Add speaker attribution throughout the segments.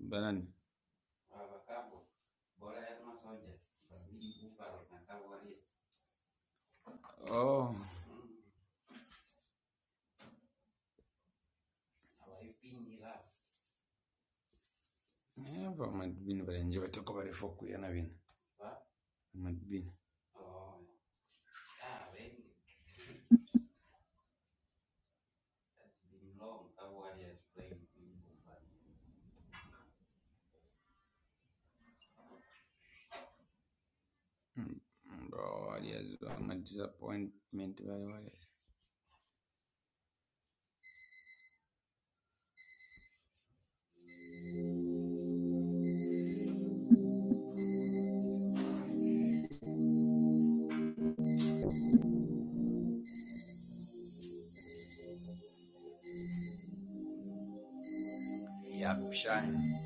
Speaker 1: Banani. Oh, yeah, but mad bin but enjoy talk about it for Kuyana bin. Mad bin. Mm, mm, Bro, Warriors, bro. my disappointment, very Warriors. Yap, shine.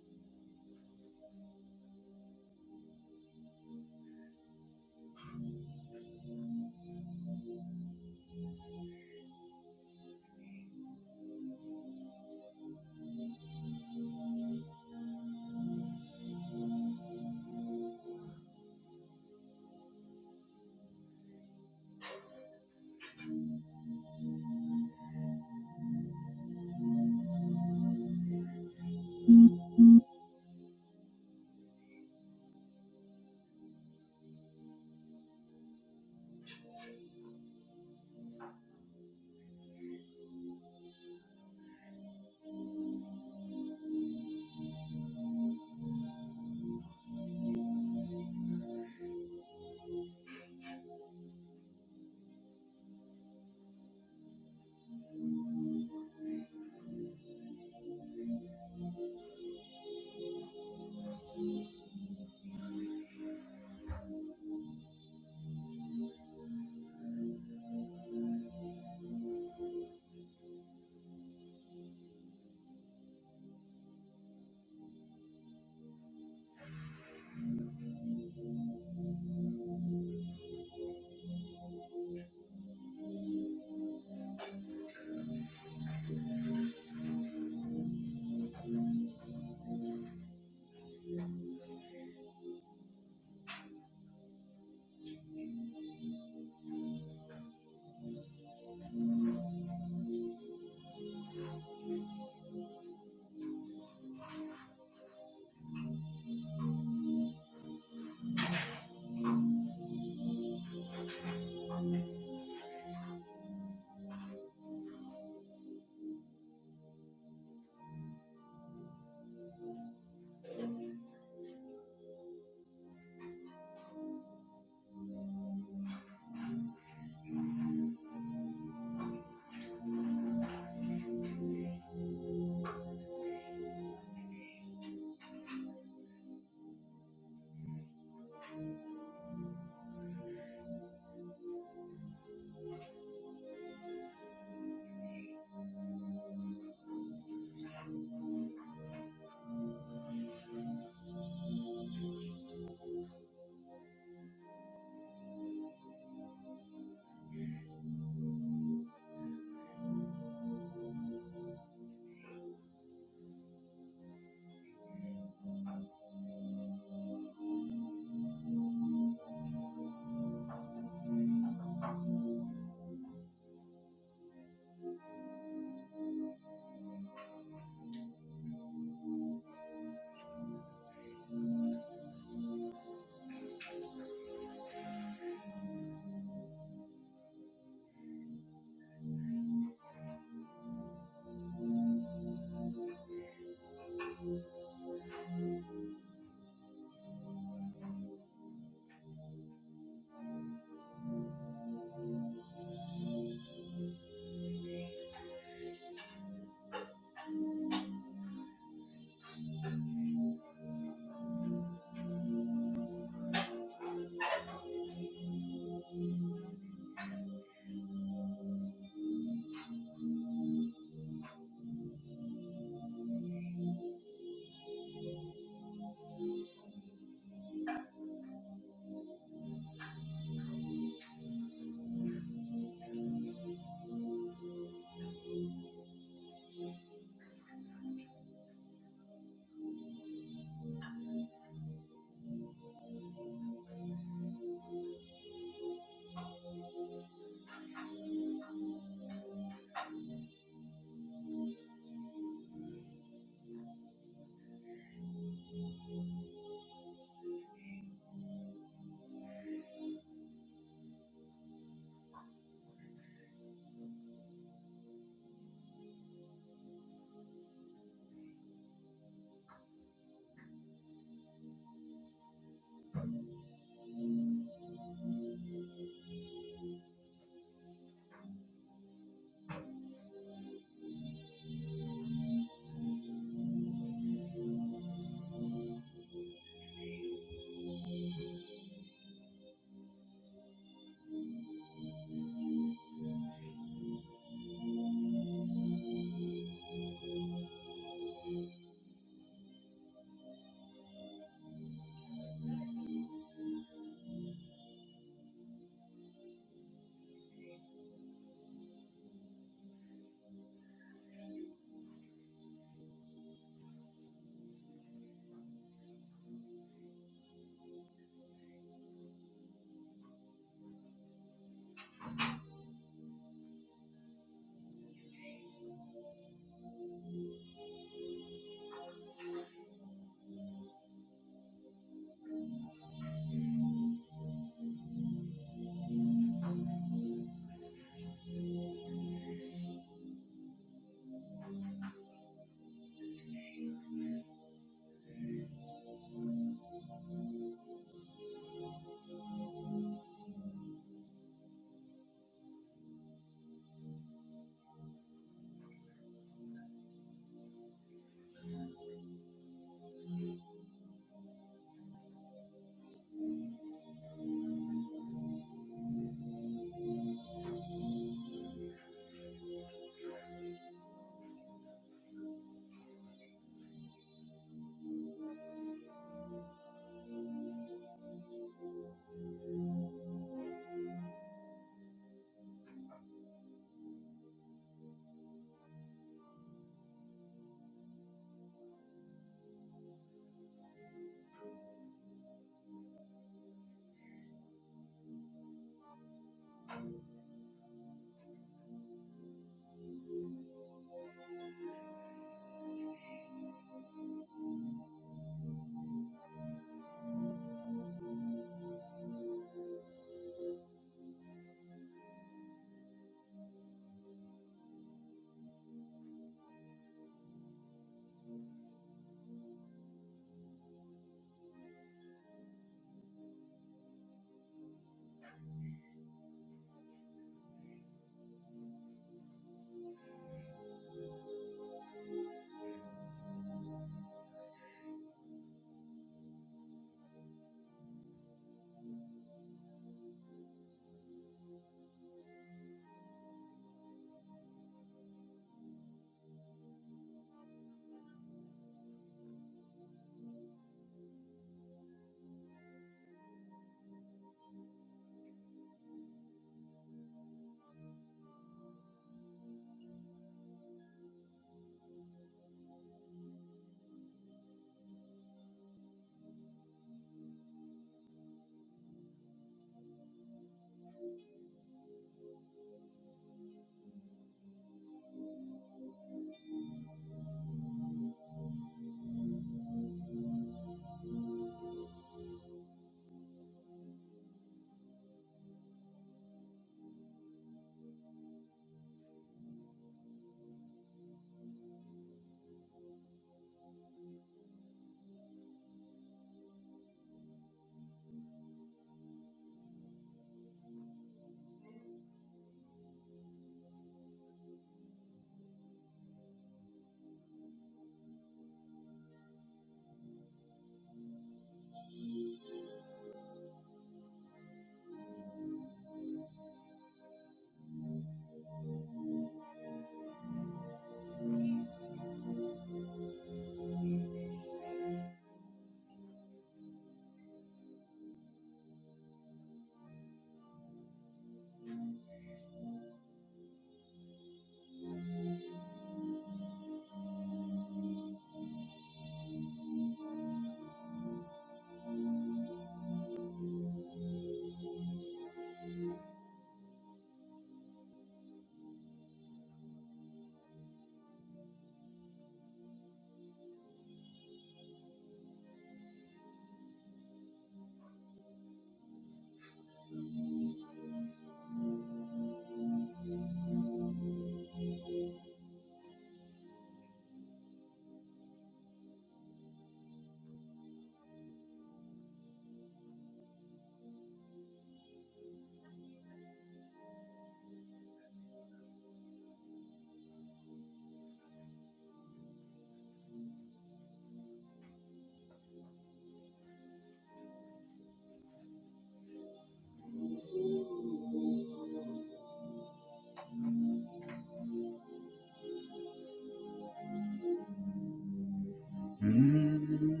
Speaker 1: Mm.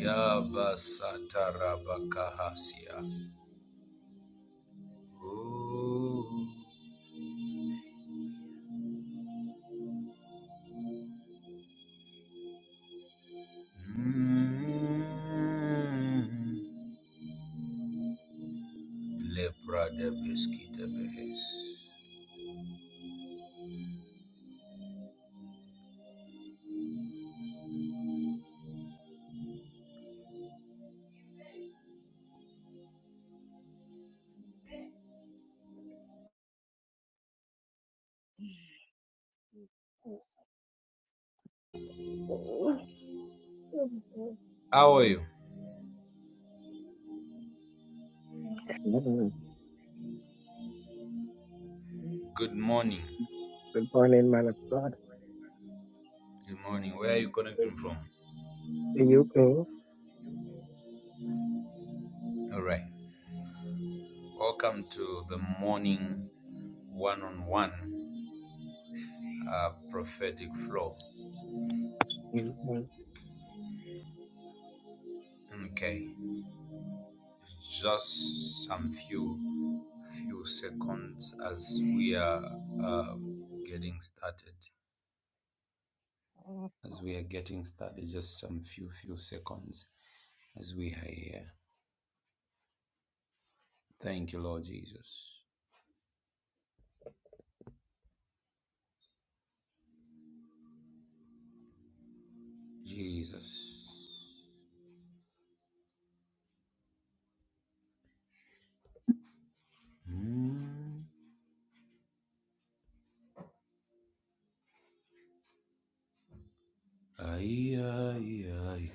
Speaker 1: Yabasatarabakahasia. Oh. Mm. Lepra de Beskita Behes.
Speaker 2: Good
Speaker 1: How are you? Good morning.
Speaker 2: morning, man of God.
Speaker 1: Good morning. Where are you connecting from?
Speaker 2: Are you go.
Speaker 1: All right. Welcome to the morning one on one prophetic flow. Okay, just some few few seconds as we are uh, getting started. As we are getting started, just some few few seconds as we are here. Thank you, Lord Jesus. Jesus. Mm. Ay, ay, ay.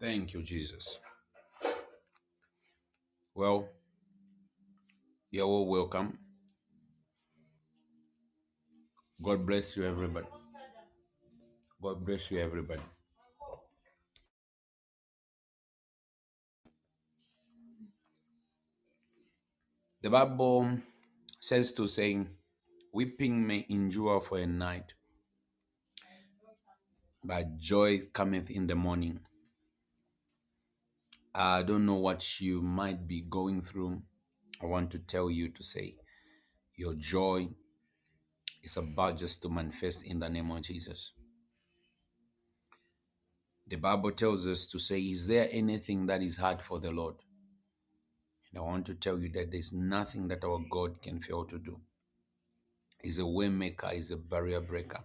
Speaker 1: Thank you, Jesus. Well, you're all welcome. God bless you, everybody. God bless you, everybody. The Bible says to saying, Weeping may endure for a night, but joy cometh in the morning. I don't know what you might be going through. I want to tell you to say, Your joy is about just to manifest in the name of Jesus. The Bible tells us to say, Is there anything that is hard for the Lord? And I want to tell you that there's nothing that our God can fail to do. He's a way maker, he's a barrier breaker.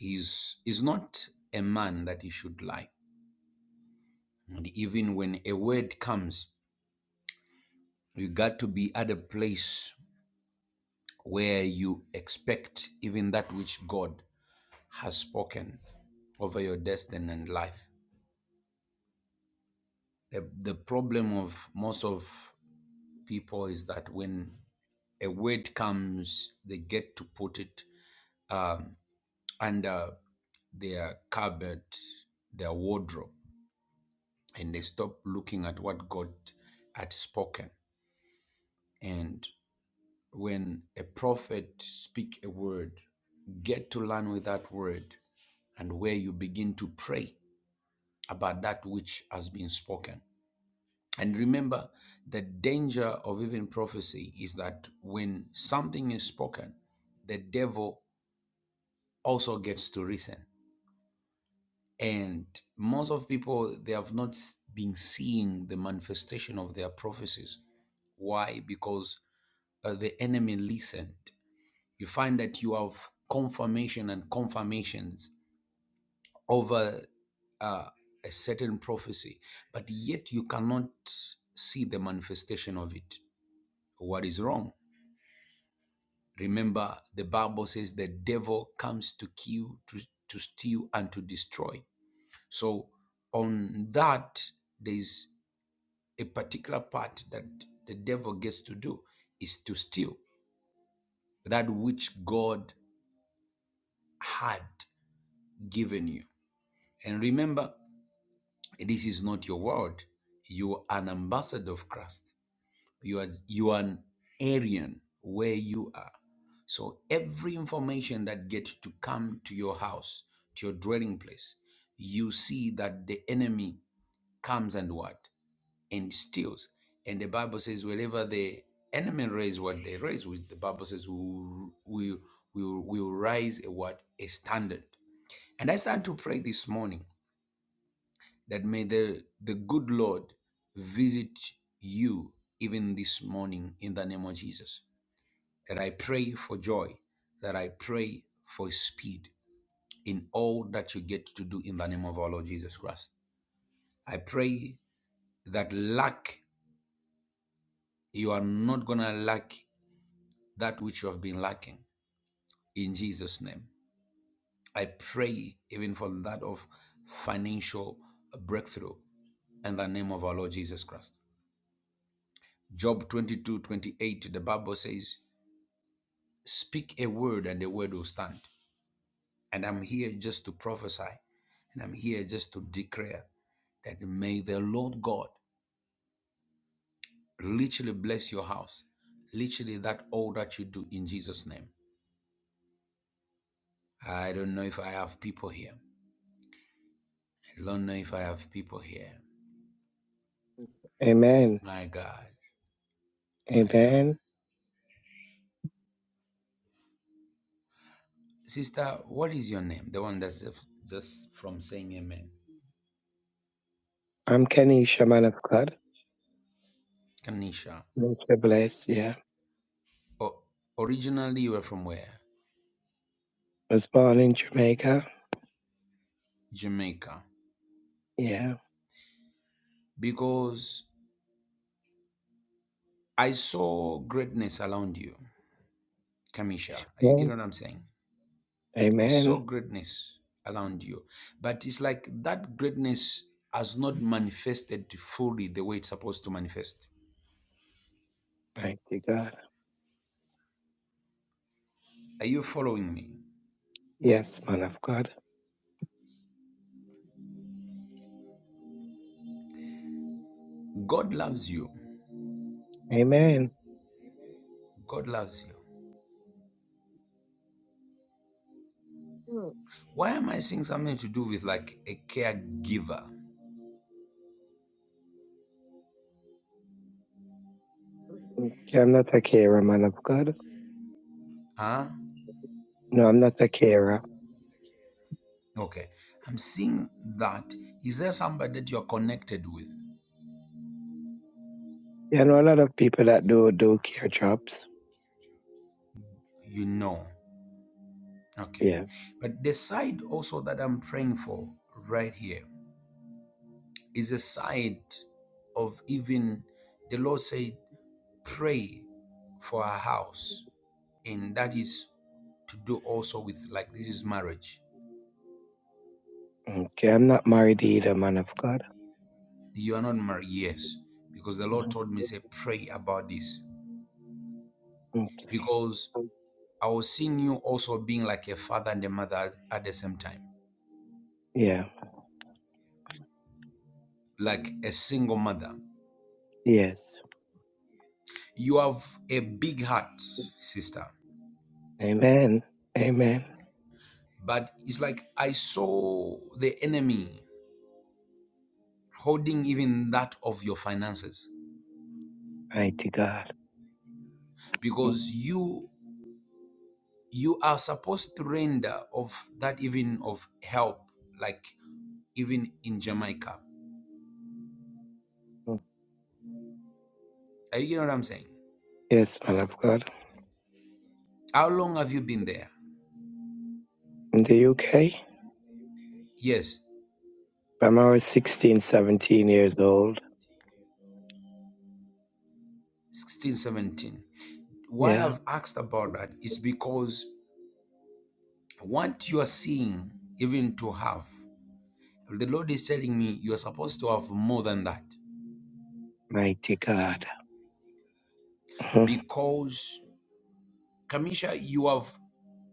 Speaker 1: is is not a man that he should lie. And even when a word comes, you got to be at a place where you expect even that which God has spoken over your destiny and life. The, the problem of most of people is that when a word comes, they get to put it um, under their cupboard, their wardrobe, and they stop looking at what God had spoken. And when a prophet speak a word get to learn with that word and where you begin to pray about that which has been spoken and remember the danger of even prophecy is that when something is spoken the devil also gets to reason and most of people they have not been seeing the manifestation of their prophecies why because uh, the enemy listened you find that you have confirmation and confirmations over uh, a certain prophecy, but yet you cannot see the manifestation of it. What is wrong? Remember, the Bible says the devil comes to kill, to, to steal, and to destroy. So, on that, there's a particular part that the devil gets to do is to steal that which God had given you. And remember, This is not your word. You are an ambassador of Christ. You are you are an Aryan where you are. So every information that gets to come to your house, to your dwelling place, you see that the enemy comes and what? And steals. And the Bible says, wherever the enemy raise what they raise, which the Bible says we will we will we will raise a what? A standard. And I stand to pray this morning that may the, the good Lord visit you even this morning in the name of Jesus. That I pray for joy, that I pray for speed in all that you get to do in the name of our Lord Jesus Christ. I pray that lack, you are not going to lack that which you have been lacking in Jesus' name. I pray even for that of financial breakthrough in the name of our Lord Jesus Christ. Job 22 28. the Bible says, Speak a word and the word will stand. And I'm here just to prophesy, and I'm here just to declare that may the Lord God literally bless your house, literally that all that you do in Jesus' name. I don't know if I have people here. I don't know if I have people here.
Speaker 2: Amen.
Speaker 1: My God, my God.
Speaker 2: Amen.
Speaker 1: Sister, what is your name? The one that's just just from saying amen.
Speaker 2: I'm Kenisha, man of God.
Speaker 1: Kanisha.
Speaker 2: Mr. Bless, yeah.
Speaker 1: Oh, originally you were from where?
Speaker 2: Was born in Jamaica.
Speaker 1: Jamaica
Speaker 2: Yeah.
Speaker 1: because I saw greatness around you, Kamisha. You get
Speaker 2: Amen.
Speaker 1: what I'm saying? I saw
Speaker 2: Amen.
Speaker 1: greatness around you, but it's like that greatness has not manifested fully the way it's supposed to manifest.
Speaker 2: Thank you, God.
Speaker 1: Are you following me?
Speaker 2: Yes, man of God.
Speaker 1: God loves you.
Speaker 2: Amen.
Speaker 1: God loves you. Why am I seeing something to do with like a caregiver?
Speaker 2: Okay, I'm not a carer, man of God.
Speaker 1: Huh?
Speaker 2: No, I'm not a carer.
Speaker 1: Okay. I'm seeing that. Is there somebody that you're connected with?
Speaker 2: Yeah, I know a lot of people that do do care jobs.
Speaker 1: You know. Okay.
Speaker 2: Yeah.
Speaker 1: But the side also that I'm praying for right here is a side of even the Lord said, pray for a house. And that is to do also with like this is marriage.
Speaker 2: Okay, I'm not married either, man of God.
Speaker 1: You are not married, yes. Because the Lord
Speaker 2: Mhm.
Speaker 1: told me, say, pray about this.
Speaker 2: Mm.
Speaker 1: Because I was seeing you also being like a father and a mother at the same time,
Speaker 2: Yeah.
Speaker 1: like a single mother.
Speaker 2: Yes.
Speaker 1: You have a big heart, sister.
Speaker 2: Amen. Amen.
Speaker 1: But it's like I saw the enemy holding even that of your finances
Speaker 2: Mighty God.
Speaker 1: because you you are supposed to render of that even of help like even in Jamaica.
Speaker 2: Mhm.
Speaker 1: Are you know what I'm saying?
Speaker 2: Yes, my love God.
Speaker 1: How long have you been there?
Speaker 2: In the UK,
Speaker 1: Yes,
Speaker 2: from I was 16, 17 years old.
Speaker 1: sixteen, seventeen. Why
Speaker 2: Yeah.
Speaker 1: I've asked about that is because what you are seeing, even to have, the Lord is telling me you are supposed to have more than that
Speaker 2: Mighty God. Mhm.
Speaker 1: because Kamisha, you have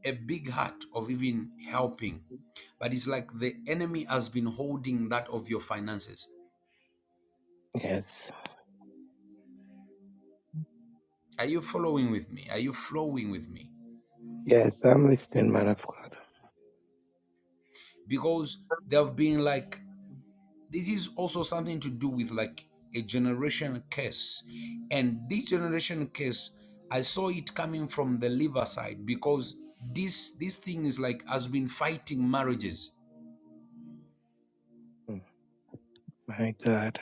Speaker 1: a big heart of even helping, but it's like the enemy has been holding that of your finances.
Speaker 2: Yes.
Speaker 1: Are you following with me? Are you flowing with me?
Speaker 2: Yes, I'm listening, man of God.
Speaker 1: Because they have been like, this is also something to do with like a generation curse. And this generation curse, I saw it coming from the liver side because this this thing is like has been fighting marriages,
Speaker 2: Mm. My God.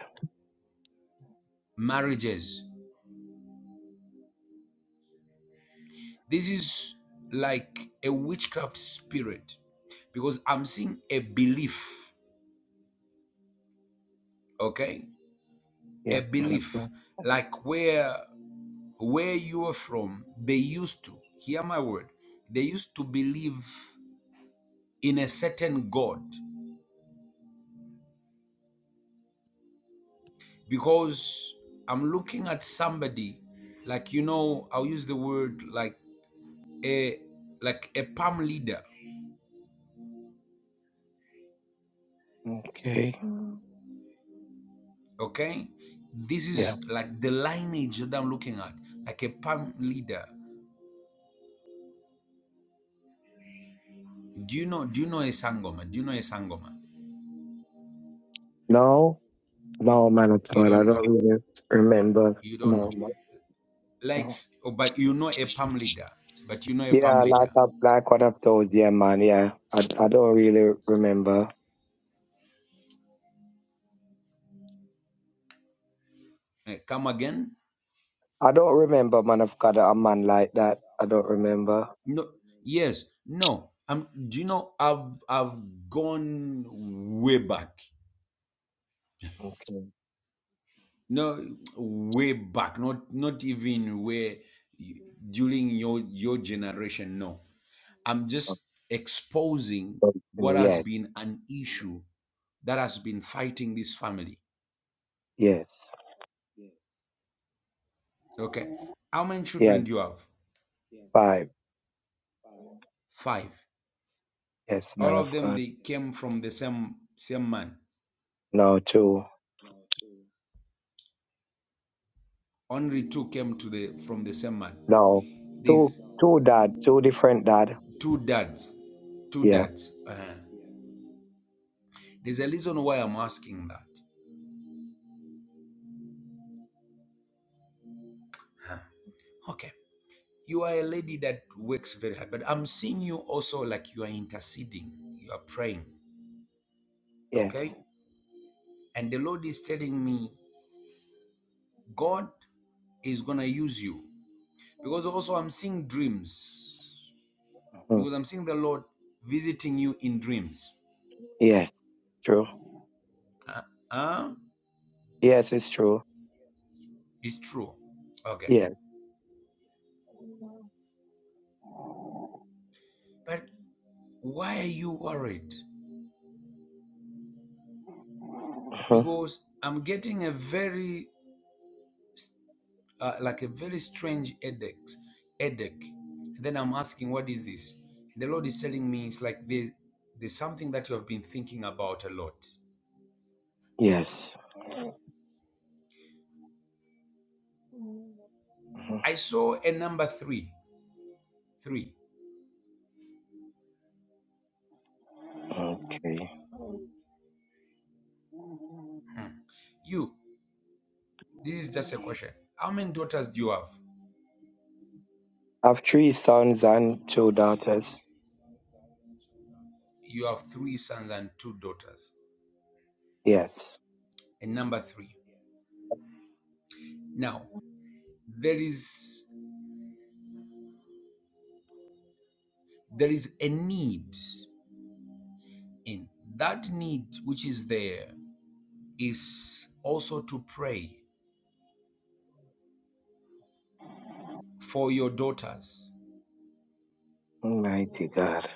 Speaker 1: marriages. This is like a witchcraft spirit because I'm seeing a belief, okay? A
Speaker 2: Yes, man of
Speaker 1: belief
Speaker 2: God.
Speaker 1: like where where you are from, they used to hear my word. They used to believe in a certain god because I'm looking at somebody like you know, I'll use the word like a like a palm leader,
Speaker 2: Okay. Mm.
Speaker 1: okay? This
Speaker 2: Yeah.
Speaker 1: is like the lineage that I'm looking at, like a palm leader. Do you know? Do you know a sangoma? Do you know a sangoma?
Speaker 2: No. No, man of
Speaker 1: You
Speaker 2: God. I
Speaker 1: don't know.
Speaker 2: don't really remember.
Speaker 1: You don't
Speaker 2: No.
Speaker 1: know. Like,
Speaker 2: no.
Speaker 1: oh, but you know a palm leader. But you know a palm
Speaker 2: Yeah, like
Speaker 1: leader.
Speaker 2: up, like what I've told you, man. Yeah, I, I don't really remember.
Speaker 1: Eh, come again?
Speaker 2: I don't remember, man. I've got a man like that. I don't remember.
Speaker 1: No. Yes. No. Um. Do you know? I've I've gone way back.
Speaker 2: Okay.
Speaker 1: No, way back. Not not even where during your your generation. No. I'm
Speaker 2: Of
Speaker 1: just exposing
Speaker 2: course.
Speaker 1: what has
Speaker 2: Yes,
Speaker 1: been an issue that has been fighting this family
Speaker 2: yes,
Speaker 1: Okay. How many
Speaker 2: yes.
Speaker 1: children do you have?
Speaker 2: Five.
Speaker 1: Five.
Speaker 2: Yes, man
Speaker 1: All
Speaker 2: of
Speaker 1: of them
Speaker 2: God.
Speaker 1: they came from the same same man.
Speaker 2: No, two.
Speaker 1: Only two came to the from the same man.
Speaker 2: No, two.
Speaker 1: There's
Speaker 2: Two dad. Two different dad.
Speaker 1: two dads. Two
Speaker 2: Yeah.
Speaker 1: dads. Uh-huh. There's a reason why I'm asking that. Okay. You are a lady that works very hard, but I'm seeing you also like you are interceding. You are praying. Okay?
Speaker 2: Yes.
Speaker 1: And the Lord is telling me God is gonna use you. Because also I'm seeing dreams
Speaker 2: Mm.
Speaker 1: because I'm seeing the Lord visiting you in dreams.
Speaker 2: Yes. True.
Speaker 1: Uh, uh,
Speaker 2: Yes, it's true.
Speaker 1: it's true. Okay.
Speaker 2: Yeah.
Speaker 1: But why are you worried?
Speaker 2: Mhm.
Speaker 1: Because I'm getting a very, uh, like a very strange headache. headache. And then I'm asking, what is this? And the Lord is telling me it's like there's, there's something that you have been thinking about a lot.
Speaker 2: Yes. Mhm.
Speaker 1: I saw a number three. Three.
Speaker 2: Okay.
Speaker 1: You, this is just a
Speaker 2: I
Speaker 1: question. How many daughters do you have?
Speaker 2: have three sons and two daughters.
Speaker 1: You have three sons and two daughters.
Speaker 2: Yes.
Speaker 1: And number three. Now, there is there is a need in that need which is there is also to pray for your daughters.
Speaker 2: Mighty God.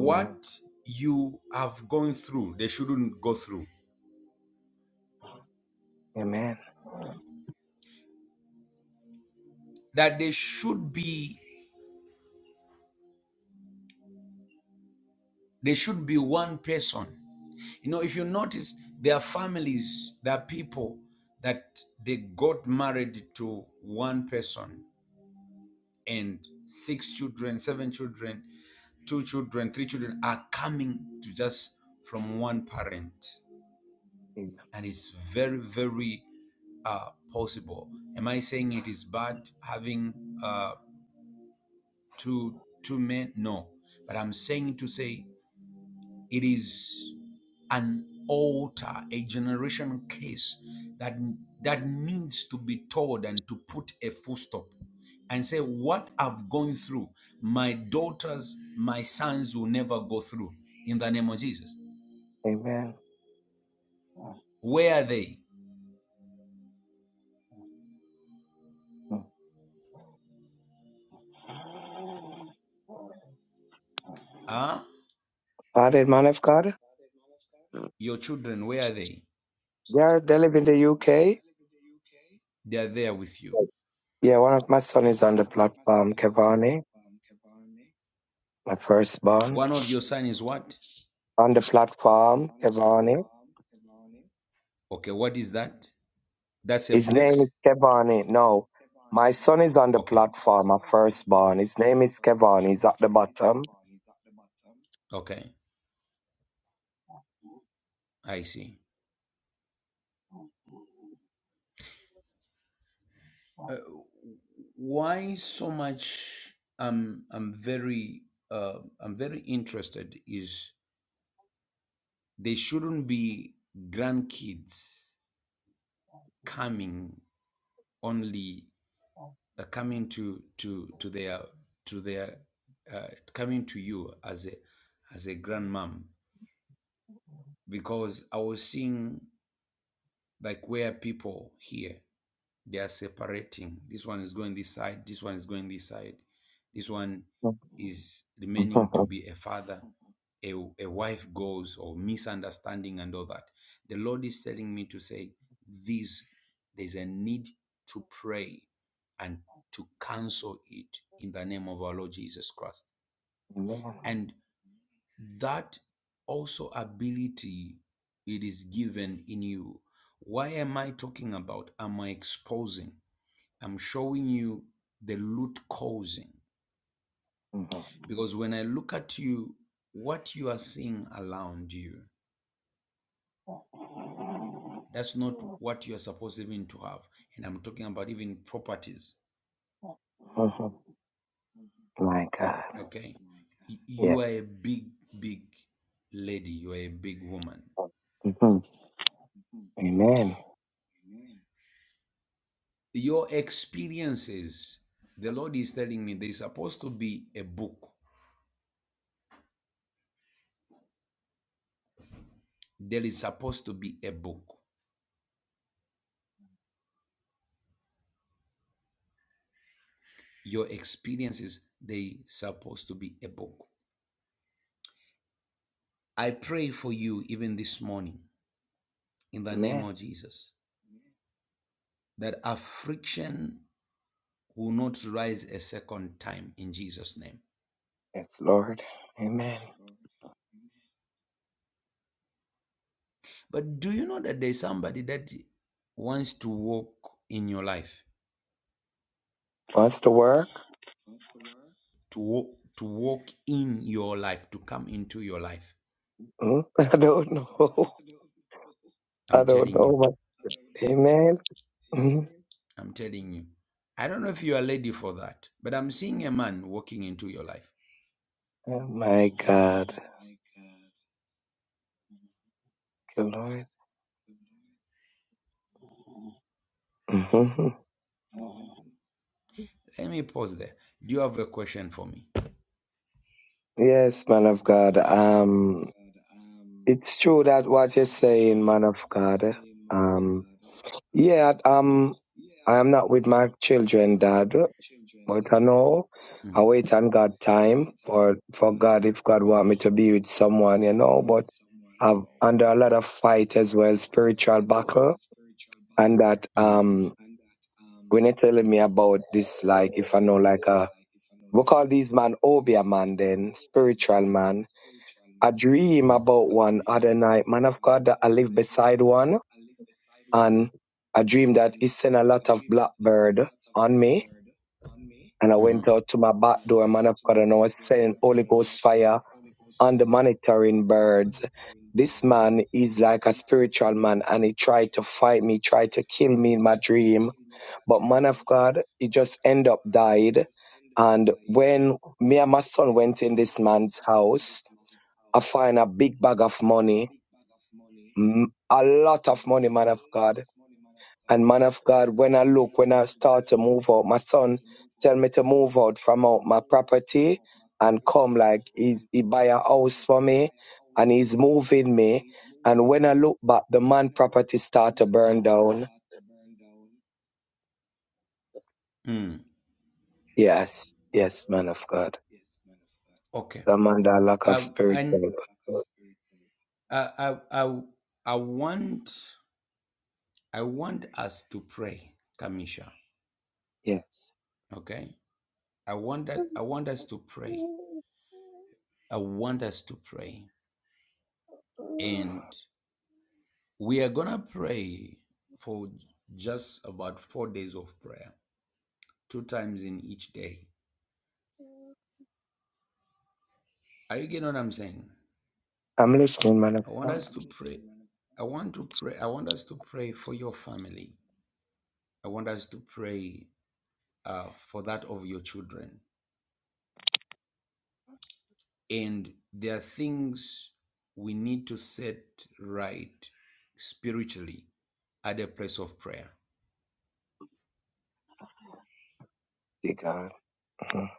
Speaker 2: Amen.
Speaker 1: you have gone through, they shouldn't go through.
Speaker 2: Amen.
Speaker 1: That they should be they should be one person. You know, if you notice, there are families, there are people that they got married to one person and six children, seven children, two children, three children are coming to just from one parent. And it's very, very uh, possible. Am I saying it is bad having uh, two two men? No. But I'm saying to say it is an altar, a generation case that that needs to be told and to put a full stop and say what I've gone through, my daughters, my sons will never go through in the name of Jesus.
Speaker 2: Amen.
Speaker 1: Where are they? Huh?
Speaker 2: Pardon, man of God.
Speaker 1: Your children, where are they?
Speaker 2: Yeah, they live in the UK.
Speaker 1: They are there with you.
Speaker 2: Yeah, one of my son is on the platform, Kevani, my firstborn.
Speaker 1: One of your son is what?
Speaker 2: On the platform, Kevani.
Speaker 1: Okay, what is that? That's a
Speaker 2: His name is
Speaker 1: place?
Speaker 2: Kevani. No, my son is on the
Speaker 1: Okay. My My
Speaker 2: platform,
Speaker 1: son
Speaker 2: my
Speaker 1: is is on the the
Speaker 2: firstborn. His
Speaker 1: platform. my
Speaker 2: name is Kevani.
Speaker 1: firstborn.
Speaker 2: He's at
Speaker 1: His
Speaker 2: the
Speaker 1: name is
Speaker 2: bottom.
Speaker 1: Kevon. He's at the bottom. Okay, I see. Uh, why so much? I'm I'm very uh, I'm very interested. Is they shouldn't be grandkids coming only uh, coming to to to their to their uh, coming to you as a as a grandmom because I was seeing like where people here they are separating. This one is going this side. This one is going this side. This one is remaining to be a father. A, a wife goes or misunderstanding and all that. The Lord is telling me to say this. There's a need to pray and to cancel it in the name of our Lord Jesus Christ.
Speaker 2: Amen.
Speaker 1: And that also ability it is given in you. Why am I talking about? Am I exposing? I'm showing you the root causing.
Speaker 2: Mhm.
Speaker 1: Because when I look at you, what you are seeing around you, that's not what you are supposed even to have. And I'm talking about even properties.
Speaker 2: Mhm. My God.
Speaker 1: Okay.
Speaker 2: Yeah.
Speaker 1: You are a big, big lady. You are a big woman.
Speaker 2: Mhm. Amen.
Speaker 1: Your experiences, the Lord is telling me there is supposed to be a book. There is supposed to be a book. Your experiences, they supposed to be a book. I pray for you even this morning in the
Speaker 2: Amen.
Speaker 1: name of Jesus that affliction will not rise a second time in Jesus' name.
Speaker 2: Yes, Lord. Amen.
Speaker 1: But do you know that there's somebody that wants to walk in your life,
Speaker 2: Wants to work?
Speaker 1: to walk, to walk in your life, to come into your life?
Speaker 2: Mm, I don't know. I
Speaker 1: I'm
Speaker 2: don't
Speaker 1: telling you,
Speaker 2: know. But amen. Mm.
Speaker 1: I'm telling you. I don't know if you are ready for that, but I'm seeing a man walking into your life.
Speaker 2: Oh my God. Thank you, Lord. hmm
Speaker 1: Let me pause there. Do you have a question for me? Mm.
Speaker 2: Yes, man of God. Um, it's true that what you're saying, man of God. Um, yeah. Um, I am not with my children, Dad. But I know
Speaker 1: I
Speaker 2: I
Speaker 1: don't know
Speaker 2: wait on God
Speaker 1: how
Speaker 2: time
Speaker 1: we turn that
Speaker 2: for for
Speaker 1: time
Speaker 2: God if God
Speaker 1: or
Speaker 2: want me to be with someone, you know. But have under a lot of fight as well, spiritual battle, and that
Speaker 1: Mm-hmm.
Speaker 2: um when they telling me about this, like if I know like a we call these man Obia man then, spiritual man. I dream
Speaker 1: Mm-hmm.
Speaker 2: about one other night, man of God that I live beside one and I dream that he sent a lot of blackbird on me and I went
Speaker 1: Mm-hmm.
Speaker 2: out to my back door, man of God, and I was sending Holy Ghost fire on the monitoring birds. This man is like a spiritual man and he tried to fight me, tried to kill me in my dream. But man of God, he just end up died. And when me and my son went in this man's house, I find a big bag of money, m- a lot of money, man of God. And man of God, when I look, when I start to move out, my son tell me to move out from out my property and come like he's, he buy a house for me and he's moving me. And when I look back, the man property start to burn down.
Speaker 1: mm.
Speaker 2: Yes, yes, man of God.
Speaker 1: Okay.
Speaker 2: The man that lack of
Speaker 1: Um, and
Speaker 2: spiritual.
Speaker 1: I, I, I, I want, I want us to pray, Kamisha.
Speaker 2: Yes.
Speaker 1: Okay. I want that, I want us to pray. I want us to pray, and we are gonna pray for just about four days of prayer, two times in each day. Are you getting what I'm saying?
Speaker 2: I'm listening, man of
Speaker 1: I want
Speaker 2: God.
Speaker 1: us to pray. I want to pray. I want us to pray for your family. I want us to pray uh, for that of your children. And there are things we need to set right spiritually at a place of prayer.
Speaker 2: Dear God. Mhm.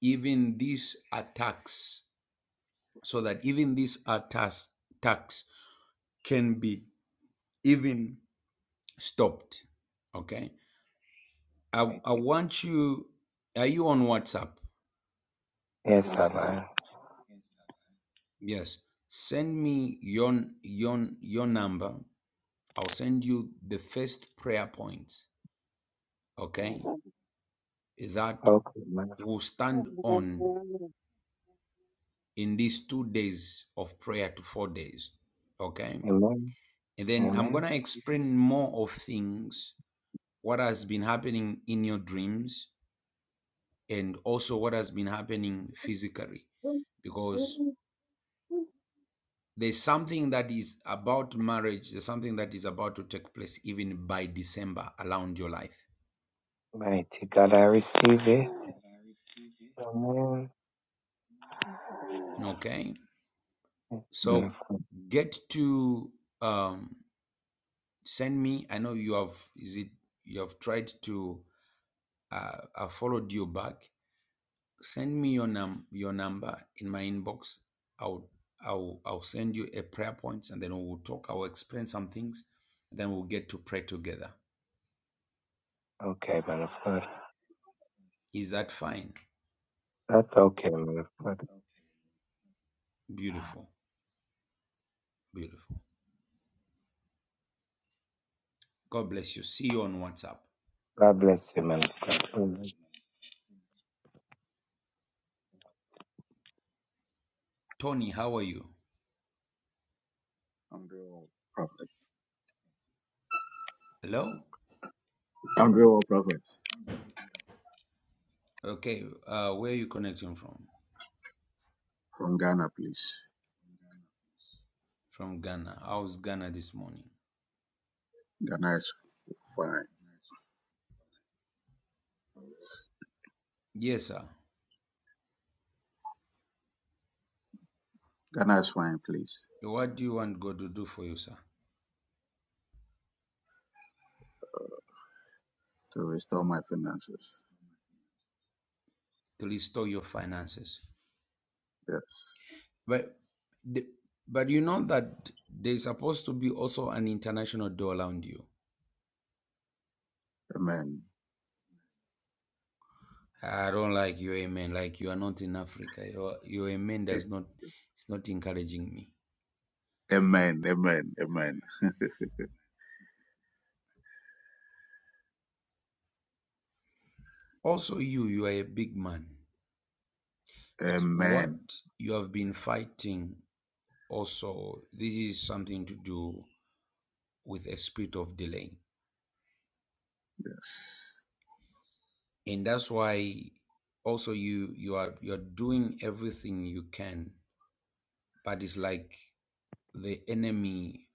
Speaker 1: Even these attacks, so that even these attacks, attacks can be even stopped. Okay. I, I
Speaker 2: Mighty.
Speaker 1: want you, are you on WhatsApp?
Speaker 2: Yes, I
Speaker 1: Yes. Send me your, your, your number. I'll send you the first prayer point okay, that
Speaker 2: Okay, man of
Speaker 1: will stand on in these two days of prayer to four days, okay?
Speaker 2: Amen.
Speaker 1: And then I'm going
Speaker 2: Amen.
Speaker 1: to explain more of things, what has been happening in your dreams, and also what has been happening physically, because there's something that is about marriage, there's something that is about to take place even by December around your life,
Speaker 2: Mighty God, I receive it. Amen.
Speaker 1: okay?
Speaker 2: Man of,
Speaker 1: So get to. Um, send me i know you have is it you have tried to uh, i followed you back send me your num your number in my inbox i'll i'll i'll send you a prayer points and then we'll talk i'll explain some things and then we'll get to pray together
Speaker 2: okay, man of God.
Speaker 1: is that fine
Speaker 2: That's okay, man of God.
Speaker 1: beautiful beautiful god bless you see you on whatsapp
Speaker 2: God bless you, man of God.
Speaker 1: tony how are you
Speaker 3: i prophet.
Speaker 1: hello
Speaker 3: i prophet
Speaker 1: okay uh where are you connecting from
Speaker 3: from Ghana, please.
Speaker 1: from ghana how's ghana this morning
Speaker 3: Ghana is fine.
Speaker 1: yes sir
Speaker 3: Ghana is fine, please.
Speaker 1: what do you want god to do for you sir
Speaker 3: To restore my finances.
Speaker 1: to restore your finances.
Speaker 3: Yes.
Speaker 1: But the, but you know that there's supposed to be also an international door around you.
Speaker 3: Amen.
Speaker 1: I don't like you, amen. Like you are not in Africa. Your your amen does
Speaker 3: A-
Speaker 1: not it's not encouraging me.
Speaker 3: Amen. Amen. Amen.
Speaker 1: Also, you you are a big man, but
Speaker 3: Amen.
Speaker 1: what you have been fighting also this is something to do with a spirit of delay,
Speaker 3: Yes.
Speaker 1: and that's why also you you are you are doing everything you can, but it's like the enemy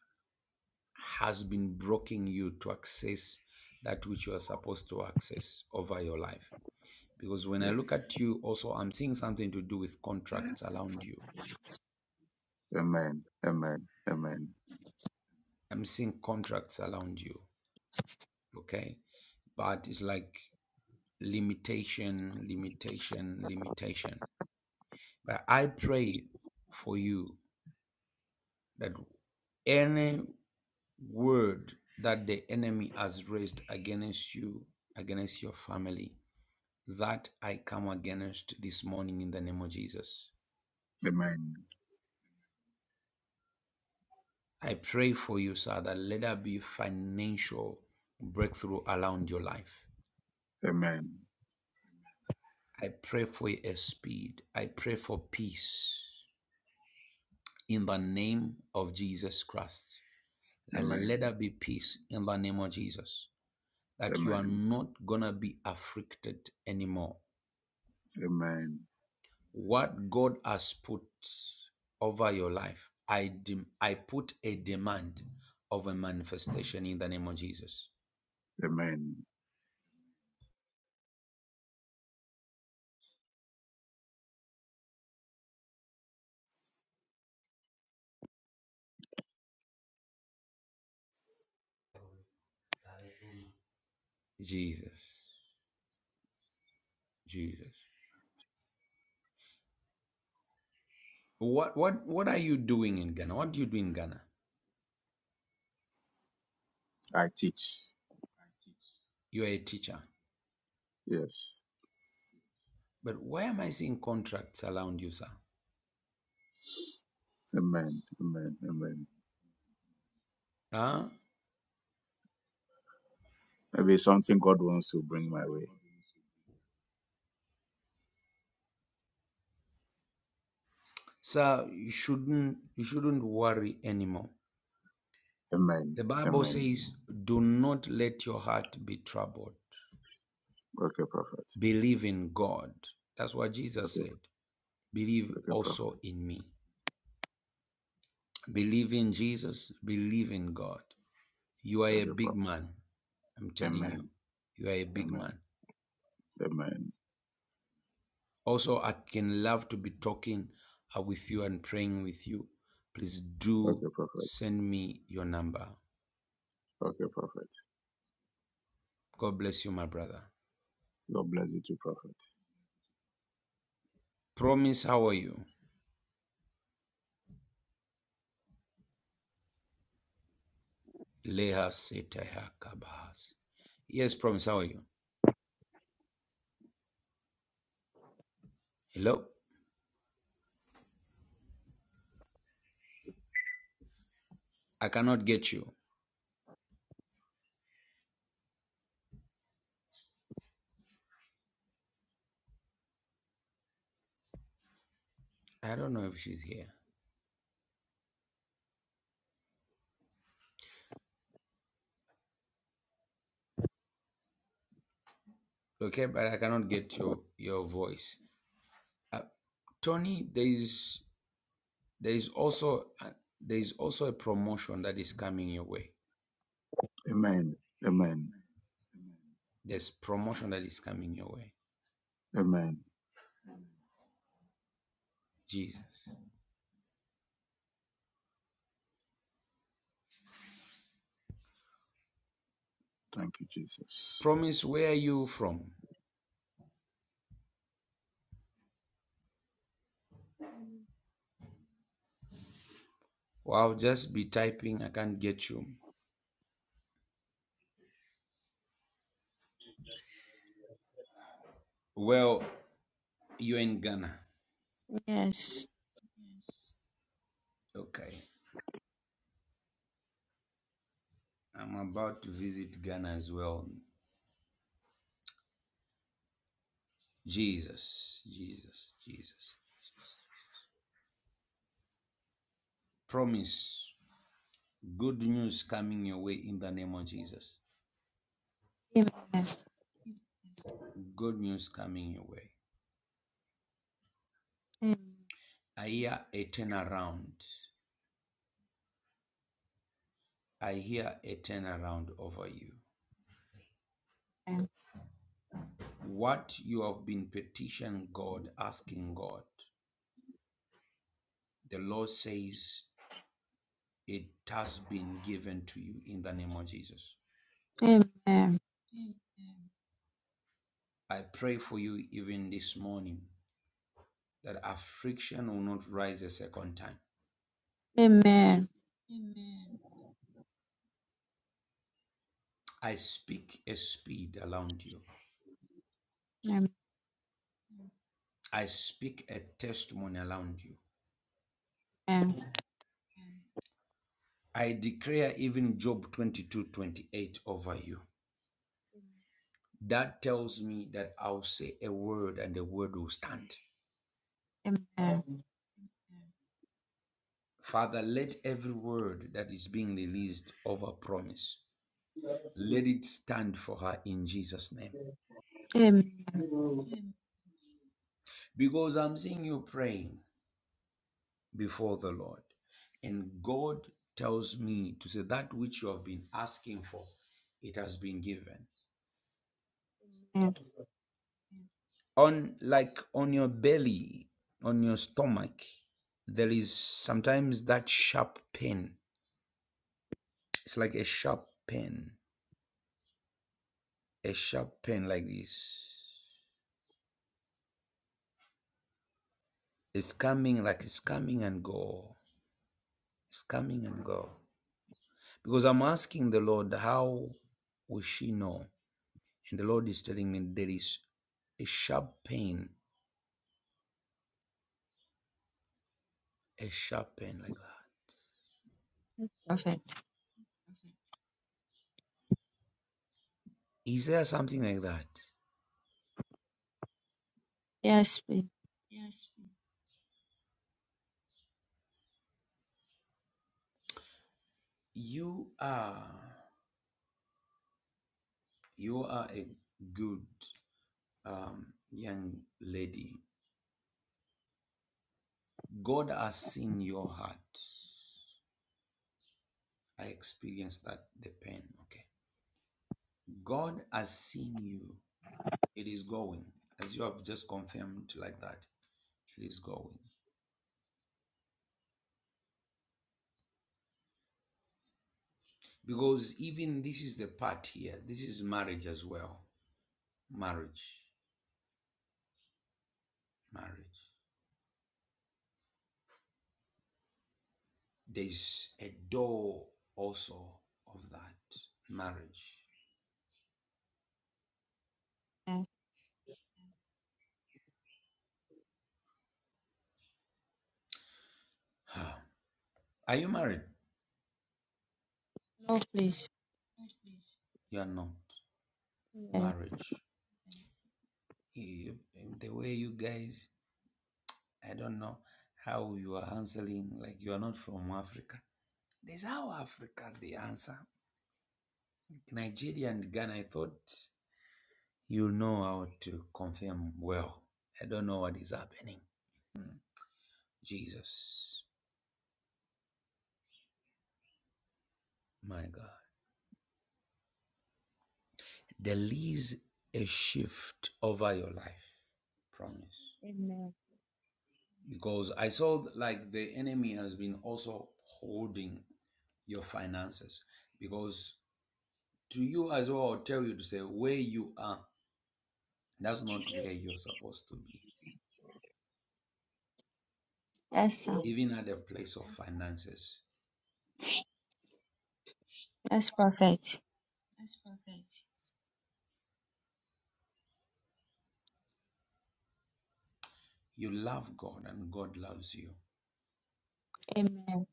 Speaker 1: has been blocking you to access that which you are supposed to access over your life. Because when I look
Speaker 3: Yes.
Speaker 1: at you, also, I'm seeing something to do with contracts around you.
Speaker 3: Amen. Amen. Amen.
Speaker 1: I'm seeing contracts around you, okay? But it's like limitation, limitation, limitation. But I pray for you that any word that the enemy has raised against you, against your family, that I come against this morning in the name of Jesus.
Speaker 3: Amen.
Speaker 1: I pray for you, sir, that let there be financial breakthrough around your life.
Speaker 3: Amen.
Speaker 1: I pray for a speed. I pray for peace in the name of Jesus Christ. That let
Speaker 3: Amen.
Speaker 1: there be peace in the name of Jesus. That you are
Speaker 3: Amen.
Speaker 1: not gonna be afflicted anymore.
Speaker 3: Amen.
Speaker 1: What God has put over your life, I dem- I put a demand of a manifestation in the name of Jesus.
Speaker 3: Amen.
Speaker 1: Jesus. Jesus. What what what are you doing in Ghana? What do you do in Ghana?
Speaker 3: I teach.
Speaker 1: You are a teacher.
Speaker 3: Yes.
Speaker 1: But why am I seeing contracts around you, sir?
Speaker 3: Amen. Amen. Amen.
Speaker 1: Huh?
Speaker 3: Maybe something God wants to bring my way.
Speaker 1: Sir, you shouldn't you shouldn't worry anymore.
Speaker 3: Amen.
Speaker 1: The Bible
Speaker 3: Amen.
Speaker 1: says, do not let your heart be troubled.
Speaker 3: Okay, prophet.
Speaker 1: Believe in God. That's what Jesus
Speaker 3: Okay,
Speaker 1: said. Believe
Speaker 3: okay, prophet.
Speaker 1: also in me. Believe in Jesus. Believe in God. You are a
Speaker 3: Okay,
Speaker 1: big
Speaker 3: prophet.
Speaker 1: man. I'm telling you,
Speaker 3: Amen.
Speaker 1: you are a big
Speaker 3: Amen.
Speaker 1: man.
Speaker 3: Amen.
Speaker 1: Also, I can love to be talking uh, with you and praying with you. Please do
Speaker 3: Okay, prophet.
Speaker 1: send me your number.
Speaker 3: Okay, prophet.
Speaker 1: God bless you, my brother.
Speaker 3: God bless you too, prophet.
Speaker 1: Promise, how are you? Yes, Promise, how are you? Hello? I cannot get you. I don't know if she's here. Okay, but I cannot get your your voice. Uh, Tony, there is there is also a- there is also a promotion that is coming your way.
Speaker 3: Amen. Amen.
Speaker 1: There's promotion that is coming your way.
Speaker 3: Amen.
Speaker 1: Jesus.
Speaker 3: Thank you, Jesus.
Speaker 1: Promise, where are you from? Well, I'll just be typing. I can't get you. Well, you're in Ghana.
Speaker 4: Yes.
Speaker 1: Okay. I'm about to visit Ghana as well. Jesus, Jesus, Jesus. Promise, good news coming your way in the name of Jesus.
Speaker 4: Amen.
Speaker 1: Good news coming your way.
Speaker 4: Amen.
Speaker 1: I hear a turnaround. I hear a turnaround over you. What you have been petitioning God, asking God, the Lord says it has been given to you in the name of Jesus.
Speaker 4: Amen.
Speaker 1: I pray for you even this morning that affliction will not rise a second time.
Speaker 4: Amen.
Speaker 1: I speak a speed around you.
Speaker 4: Amen.
Speaker 1: I speak a testimony around you. I declare even Job 22 28 over you. That tells me that I'll say a word and the word will stand.
Speaker 4: Amen.
Speaker 1: Father, let every word that is being released over promise, let it stand for her in Jesus' name.
Speaker 4: Amen.
Speaker 1: Because I'm seeing you praying before the Lord, and God tells me to say that which you have been asking for, it has been given. On like on your belly, on your stomach, there is sometimes that sharp pain. It's like a sharp pain, a sharp pain like this. It's coming like it's coming and go. It's coming and go. Because I'm asking the Lord, how will she know? And the Lord is telling me there is a sharp pain, a sharp pain like that.
Speaker 4: Perfect.
Speaker 1: Is there something like that?
Speaker 4: Yes, please.
Speaker 1: You are you are a good um, young lady. God has seen your heart. I experienced that the pain. Okay. God has seen you. It is going. As you have just confirmed like that, it is going. Because even this is the part here, this is marriage as well. Marriage, marriage. There's a door also of that marriage.
Speaker 4: Yes.
Speaker 1: Are you married?
Speaker 4: No, please.
Speaker 1: You are not.
Speaker 4: Amen.
Speaker 1: Marriage. You, the way you guys, I don't know how you are answering, like you are not from Africa. That's how Africa they answer. Nigeria and Ghana, I thought You know how to confirm well. I don't know what is happening. Mm. Jesus, my God. There is a shift over your life. Promise.
Speaker 4: Amen.
Speaker 1: Because I saw like the enemy has been also holding your finances. Because to you as well, I'll tell you to say where you are, that's not where you're supposed to be.
Speaker 4: Yes, sir.
Speaker 1: Even at the place of finances.
Speaker 4: Yes, perfect.
Speaker 1: You love God and God loves you.
Speaker 4: Amen.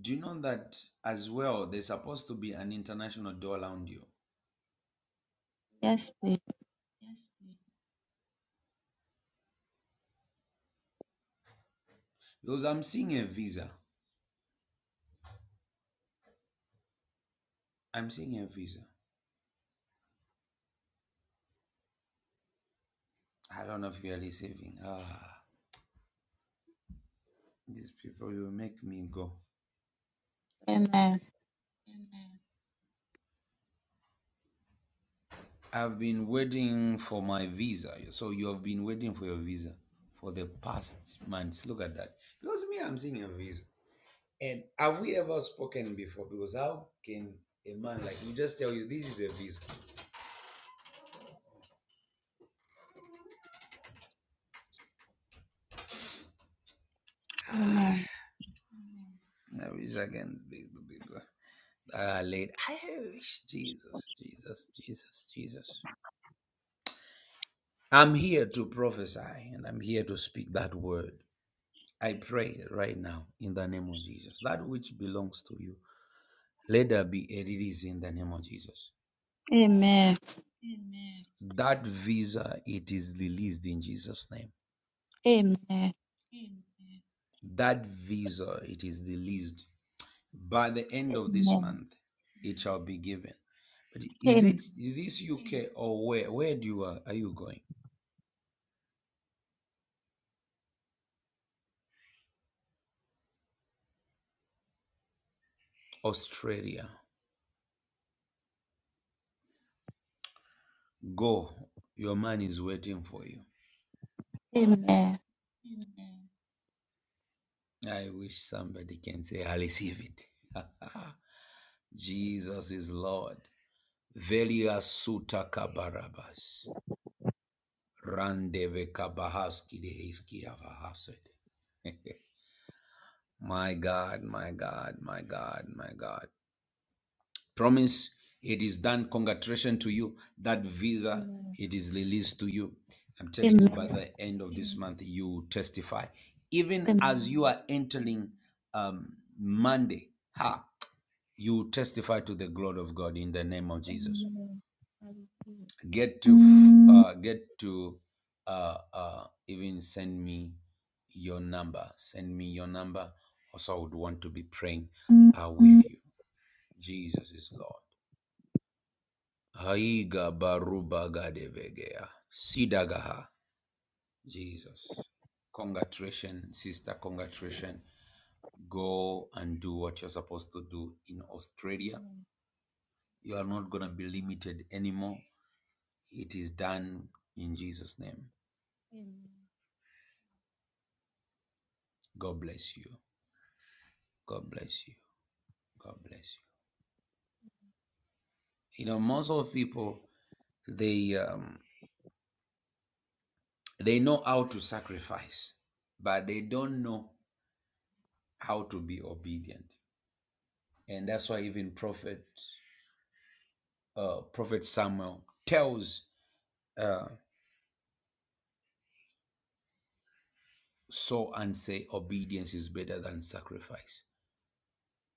Speaker 1: Do you know that as well? There's supposed to be an international door around you
Speaker 4: Yes, please.
Speaker 1: because I'm seeing a visa. I'm seeing a visa. I don't know if you're receiving. Ah, these people will make me go.
Speaker 4: Amen.
Speaker 1: I've been waiting for my visa. So you have been waiting for your visa for the past months. Look at that. Because me, I'm seeing a visa. And have we ever spoken before? Because how can a man like me just tell you this is a visa? Ah,
Speaker 4: Amen.
Speaker 1: I wish I can speak to people. Uh, late. I wish Jesus, Jesus, Jesus, Jesus. I'm here to prophesy and I'm here to speak that word. I pray right now in the name of Jesus. That which belongs to you, let there be a release in the name of Jesus.
Speaker 4: Amen.
Speaker 1: That visa, it is released in Jesus' name.
Speaker 4: Amen. Amen.
Speaker 1: That visa, it is released. By the end of this month, it shall be given. But is it
Speaker 4: Amen. Amen.
Speaker 1: is this UK or where? Where do you are? Are you going? Australia. Go. Your man is waiting for you.
Speaker 4: Amen.
Speaker 1: I wish somebody can say, I receive it. Jesus is Lord. Velia suta kabarabas. Randeve kabahaski dehiski avahased. My God, my God, my God, my God. Promise, it is done. Congratulations to you. That visa, it is released to you. I'm telling you, by
Speaker 4: Amen.
Speaker 1: the end of this month, you will testify. Even as you
Speaker 4: Amen.
Speaker 1: are entering um, Monday, ha, you will testify to the glory of God in the name of Jesus.
Speaker 4: Amen. I repeat.
Speaker 1: Get to uh, get to uh, uh, even send me your number. Send me your number. Also, I would want to be praying uh, with you. Jesus is Lord. Haiga baruba gadevegea. Sidagaha. Jesus. Congratulations, sister. Congratulations. Go and do what you're supposed to do in Australia.
Speaker 4: Amen.
Speaker 1: You are not going to be limited anymore. It is done in Jesus' name.
Speaker 4: Amen.
Speaker 1: God bless you. God bless you. God bless you. You know, most of people, they um, they know how to sacrifice, but they don't know how to be obedient. and that's why even prophet uh, prophet samuel tells uh, saul and say obedience is better than sacrifice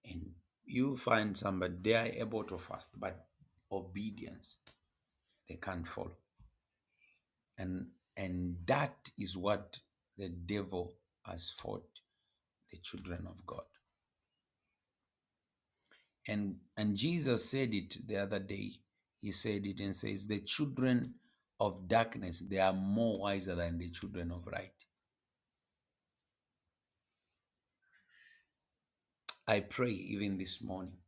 Speaker 1: and you find somebody they are able to fast but obedience they can't follow and and that is what the devil has fought the children of god and and jesus said it the other day he said it and says the children of darkness they are more wiser than the children of light I pray even this morning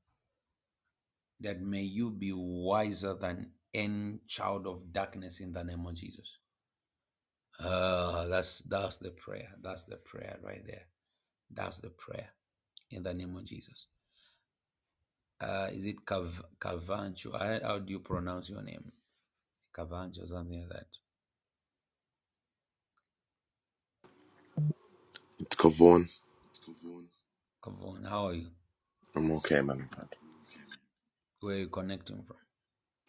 Speaker 1: that may you be wiser than any child of darkness in the name of Jesus. Ah, that's that's the prayer. That's the prayer right there. That's the prayer in the name of Jesus. Uh, is it Cav- Cavancho? I- How do you pronounce your name? Cavancho, something like that.
Speaker 5: It's Cavone.
Speaker 1: Cavon, how are you?
Speaker 5: I'm okay, man of
Speaker 1: Where are you connecting from?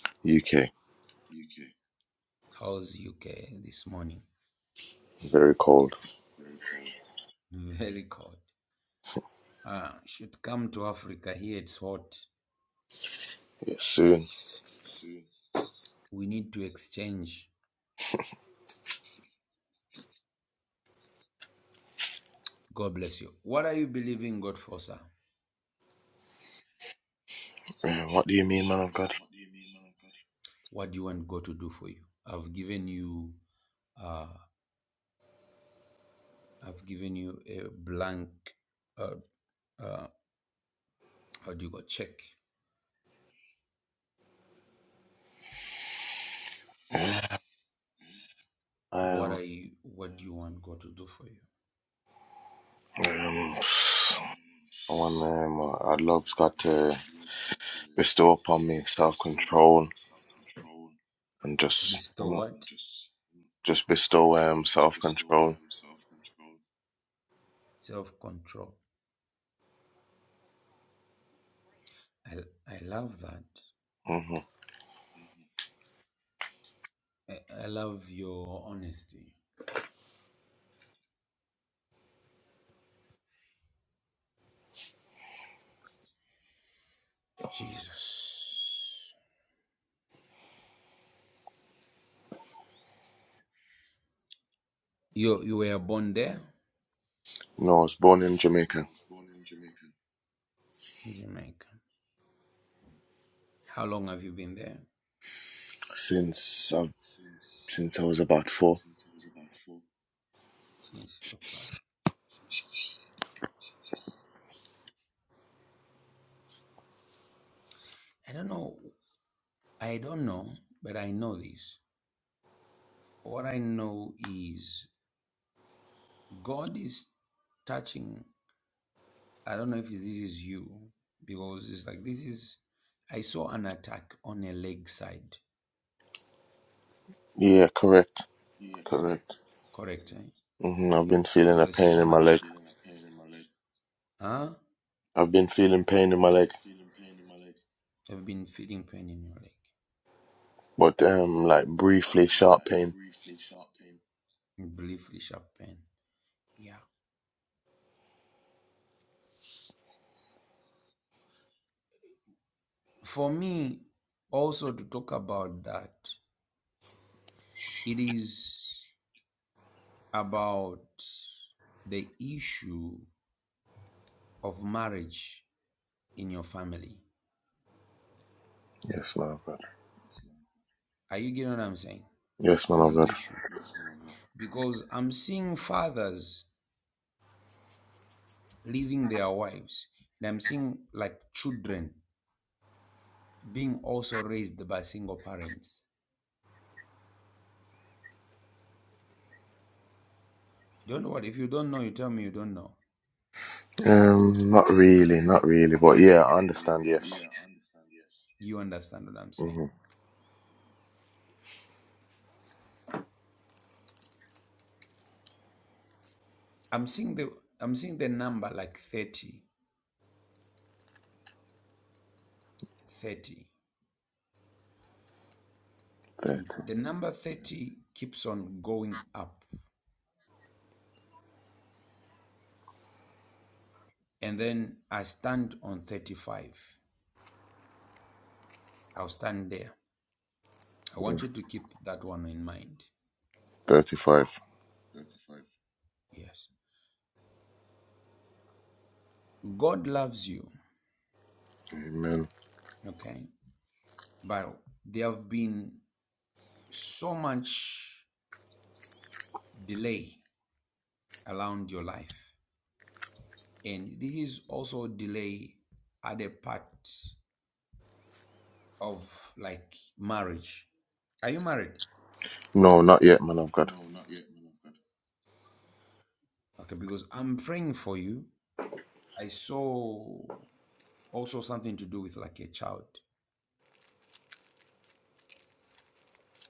Speaker 5: God. UK.
Speaker 1: How's UK this morning?
Speaker 5: Very cold.
Speaker 1: Very cold. Ah, should come to Africa. Here it's hot.
Speaker 5: Yeah, soon.
Speaker 1: We need to exchange God bless you. What are you believing God for, sir?
Speaker 5: Um, what do you mean, man of God?
Speaker 1: What do you want God to do for you? I've given you, uh, I've given you a blank, uh, uh, how do you go check?
Speaker 5: Yeah,
Speaker 1: What
Speaker 5: Um,
Speaker 1: are you? What do you want God to do for you?
Speaker 5: um, someone, um, our Lord's got to bestow upon me self control and
Speaker 1: To
Speaker 5: just, you
Speaker 1: restore
Speaker 5: know,
Speaker 1: what?
Speaker 5: just bestow um, self control.
Speaker 1: Self control. I I love that.
Speaker 5: hmm
Speaker 1: I, I love your honesty, Jesus. You you were born there,
Speaker 5: No, I was born in Jamaica
Speaker 1: in Jamaica. How long have you been there?
Speaker 5: since I've, since I was about four.
Speaker 1: Since okay. I don't know I don't know, but I know this. What I know is God is touching. I don't know if this is you, because it's like this is. I saw an attack on a leg side.
Speaker 5: Yeah, correct. Correct.
Speaker 1: Correct? Eh?
Speaker 5: hmm I've
Speaker 1: Yeah,
Speaker 5: been feeling
Speaker 1: because
Speaker 5: a
Speaker 1: I
Speaker 5: pain
Speaker 1: saw
Speaker 5: in
Speaker 1: an. i
Speaker 5: my leg.
Speaker 1: feeling a pain in my leg. Huh?
Speaker 5: I've been feeling pain in my leg
Speaker 1: I've been feeling pain in your leg,
Speaker 5: but um, like briefly, sharp pain.
Speaker 1: in briefly sharp pain. Yeah. For me, also to talk about that, it is about the issue of marriage in your family.
Speaker 5: Yes, man of God.
Speaker 1: Are you getting what I'm saying?
Speaker 5: Yes, man of God.
Speaker 1: The issue. Because I'm seeing fathers leaving their wives, and I'm seeing like children being also raised by single parents. You don't know what? If you don't know, you tell me you don't know.
Speaker 5: Um, not really, not really, but yeah, I understand. Yes.
Speaker 1: You understand what I'm saying?
Speaker 5: Mm-hmm.
Speaker 1: I'm seeing the I'm seeing the number like thirty, thirty, And
Speaker 5: Thirty.
Speaker 1: the number 30 keeps on going up. And then I stand on 35. I'll stand there. I
Speaker 5: yeah,
Speaker 1: want you to keep that one in mind.
Speaker 5: Thirty-five.
Speaker 1: Yes. God loves you,
Speaker 5: Amen.
Speaker 1: okay? But there have been so much delay around your life. And this is also delay at a part of like marriage. Are you married?
Speaker 5: No, not yet, man of God.
Speaker 1: Okay, because I'm praying for you. I saw also something to do with like a child.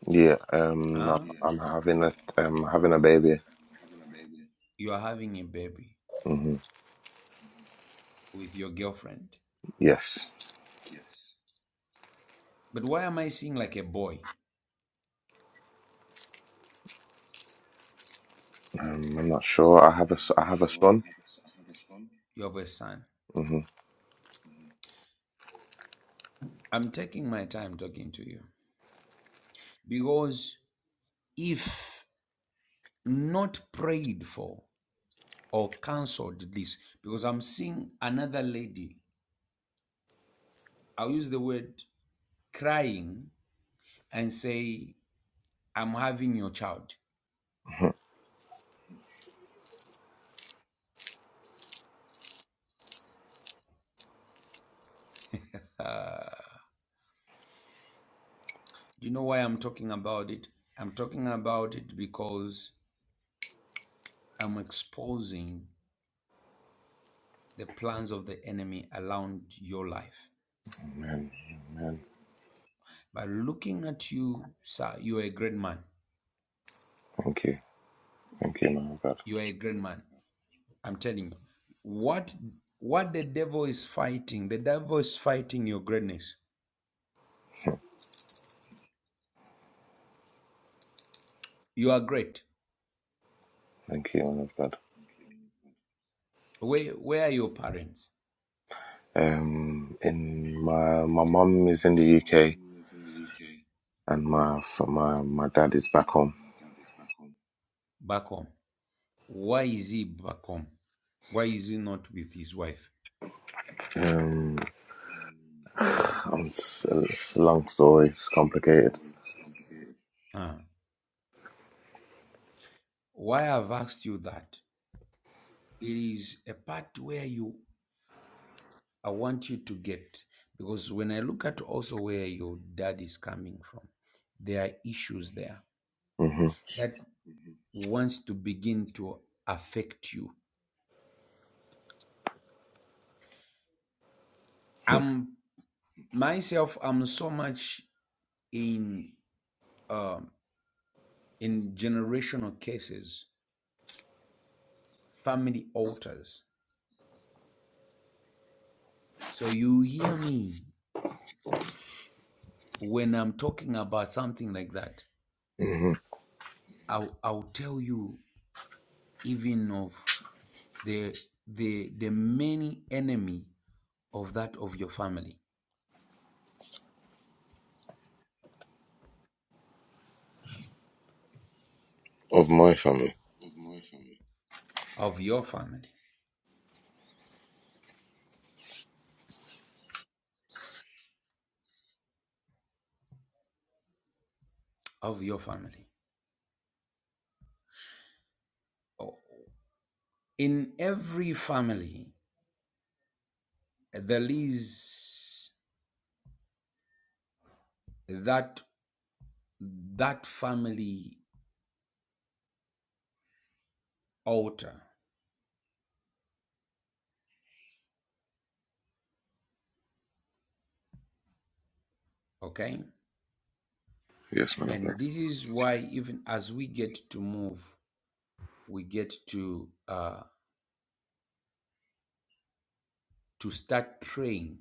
Speaker 5: Yeah. Um, I'm,
Speaker 1: Huh? Yeah.
Speaker 5: I'm having a um having a baby.
Speaker 1: You are having a baby
Speaker 5: Mm-hmm.
Speaker 1: with your girlfriend.
Speaker 5: Yes.
Speaker 1: But why am I seeing like a boy?
Speaker 5: Um, I'm not sure. I have a s- I have a son.
Speaker 1: you have a son.
Speaker 5: Mm-hmm.
Speaker 1: I'm taking my time talking to you because if not prayed for or cancelled this, because I'm seeing another lady, I'll use the word crying and say, I'm having your child. Uh, Do you know why I'm talking about it? I'm talking about it because I'm exposing the plans of the enemy around your life.
Speaker 5: Amen. Amen.
Speaker 1: By looking at you, sir, you are a great man.
Speaker 5: Thank you. Thank you, man of God.
Speaker 1: You are a great man. I'm telling you, what what the devil is fighting, the devil is fighting your greatness. You are great.
Speaker 5: Thank you, man of God.
Speaker 1: Where where are your parents?
Speaker 5: Um, in my my mom is in the UK. and my f- my my dad is back home.
Speaker 1: Back home. Why is he back home? Why is he not with his wife?
Speaker 5: Um, i it's a long story. It's complicated.
Speaker 1: Ah, why I've asked you that? It is a part where you I want you to get because when I look at also where your dad is coming from, there are issues there
Speaker 5: hmm
Speaker 1: that wants to begin to affect you. I'm myself i'm so much in um in generational cases family altars so you hear me when i'm talking about something like that
Speaker 5: hmm
Speaker 1: i'll, I'll tell you even of the the the many enemy of that of your family
Speaker 5: Of my family,
Speaker 1: of your family of your family Oh, in every family there is that that family altar Okay.
Speaker 5: yes, man of God.
Speaker 1: And this is why even as we get to move, we get to uh, to start praying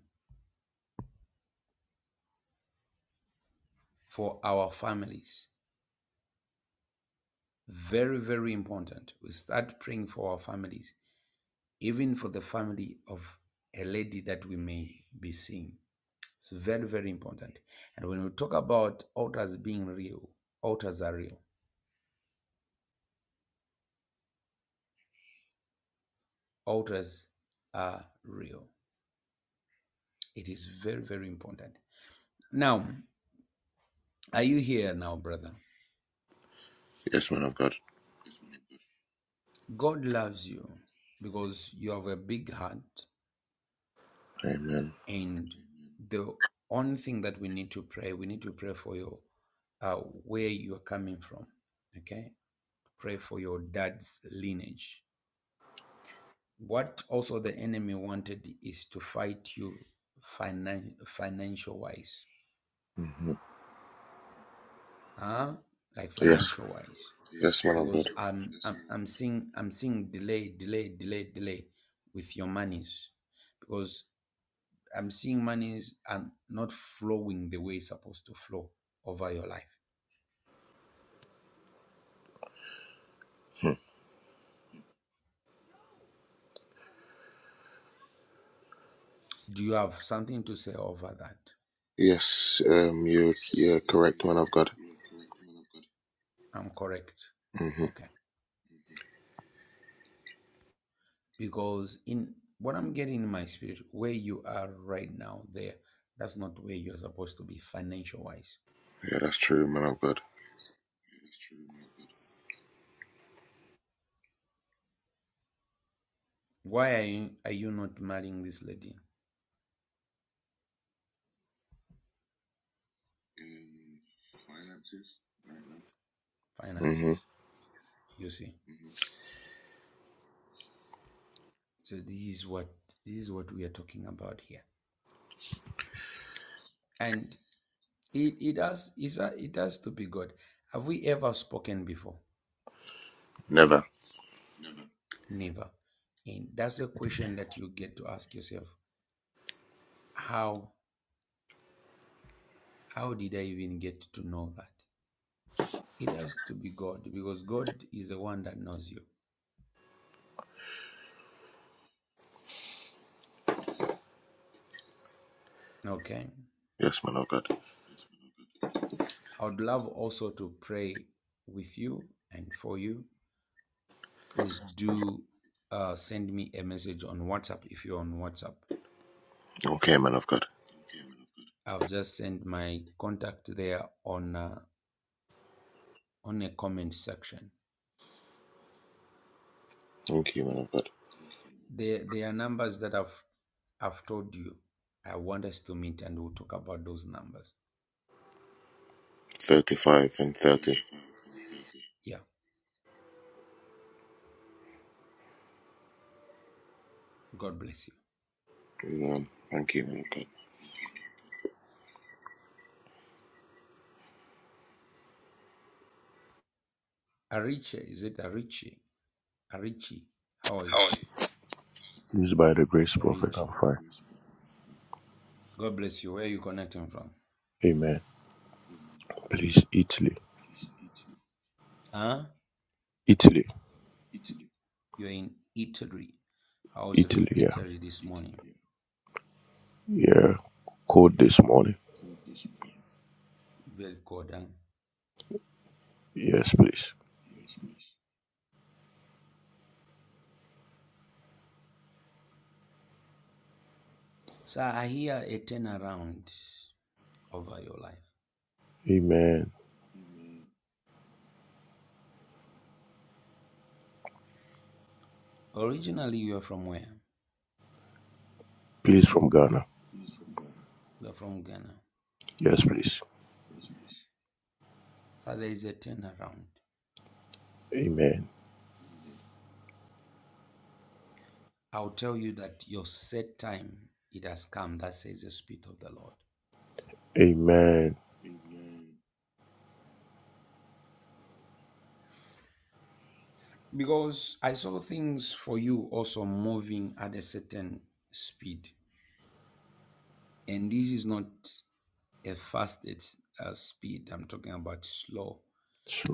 Speaker 1: for our families. Very, very important. We start praying for our families, even for the family of a lady that we may be seeing. It's very, very important. And when we talk about altars being real, altars are real. Altars are real. It is very, very important. Now, are you here now, brother?
Speaker 5: Yes, man of God.
Speaker 1: God loves you because you have a big heart.
Speaker 5: Amen.
Speaker 1: And the only thing that we need to pray, we need to pray for your uh, where you are coming from. Okay, pray for your dad's lineage. What also the enemy wanted is to fight you finan- financial wise,
Speaker 5: hmm
Speaker 1: huh? Like
Speaker 5: Yes,
Speaker 1: financial wise,
Speaker 5: yes, man of
Speaker 1: because
Speaker 5: God.
Speaker 1: I'm I'm I'm seeing I'm seeing delay, delay, delay, delay with your monies because I'm seeing money and not flowing the way it's supposed to flow over your life.
Speaker 5: Hmm.
Speaker 1: Do you have something to say over that?
Speaker 5: Yes, um, you you're correct, man of God.
Speaker 1: I'm correct.
Speaker 5: hmm
Speaker 1: Okay. Because in what I'm getting in my spirit, where you are right now, there, that's not where you're supposed to be financial wise.
Speaker 5: Yeah, that's true, man of God.
Speaker 1: Why are you are you not marrying this lady?
Speaker 5: hmm
Speaker 1: Finances. You see. So this is what this is what we are talking about here. And it, it has it's a, it has to be God. Have we ever spoken before?
Speaker 5: Never.
Speaker 1: Never. And that's a question that you get to ask yourself. How how did I even get to know that? It has to be God because God is the one that knows you. Okay.
Speaker 5: Yes, man of God.
Speaker 1: I would love also to pray with you and for you. Please do uh, send me a message on WhatsApp if you're on WhatsApp.
Speaker 5: Okay, man of God.
Speaker 1: I've just sent my contact there on uh, on a comment section.
Speaker 5: Thank you, man of God.
Speaker 1: There, there are numbers that I've I've told you. I want us to meet and we'll talk about those numbers.
Speaker 5: Thirty-five and thirty.
Speaker 1: Yeah. God bless you.
Speaker 5: Um, thank you, man of God.
Speaker 1: Ariche, is it Ariche? Arichi, how are you?
Speaker 6: Oh, Used by the grace prophet.
Speaker 1: Arichi.
Speaker 6: I'm fine.
Speaker 1: God bless you. Where are you connecting from?
Speaker 6: Amen. Please, Italy.
Speaker 1: Huh?
Speaker 6: Italy.
Speaker 1: You're in Italy. How's the
Speaker 6: Italy, yeah.
Speaker 1: Italy this morning?
Speaker 6: Yeah. Code this morning.
Speaker 1: Very good, huh?
Speaker 6: Yes, please.
Speaker 1: So I hear a turnaround over your life.
Speaker 6: Amen.
Speaker 1: Originally, you are from where?
Speaker 6: Please from Ghana.
Speaker 1: You are from Ghana.
Speaker 6: Yes, please.
Speaker 1: So there is a turnaround.
Speaker 6: Amen.
Speaker 1: I'll tell you that your set time it has come. That says the Spirit of the Lord.
Speaker 6: Amen.
Speaker 1: Because I saw things for you also moving at a certain speed. And this is not a fasted uh, speed. I'm talking about slow.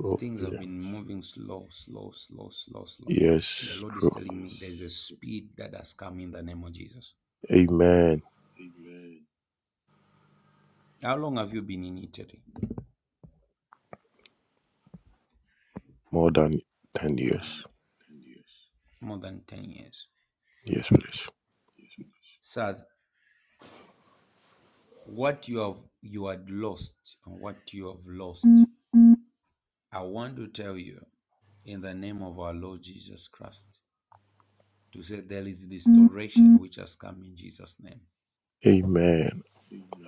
Speaker 1: The things have
Speaker 6: yeah.
Speaker 1: been moving slow, slow, slow, slow, slow. And the
Speaker 6: Yes,
Speaker 1: Lord is
Speaker 6: true.
Speaker 1: telling me there's a speed that has come in the name of Jesus.
Speaker 6: Amen.
Speaker 1: How long have you been in Italy?
Speaker 6: More than 10 years.
Speaker 1: More than 10 years.
Speaker 6: Yes, please.
Speaker 1: Sir, What you have you had lost and what you have lost, I want to tell you in the name of our Lord Jesus Christ to say there is restoration which has come in Jesus' name.
Speaker 6: Amen.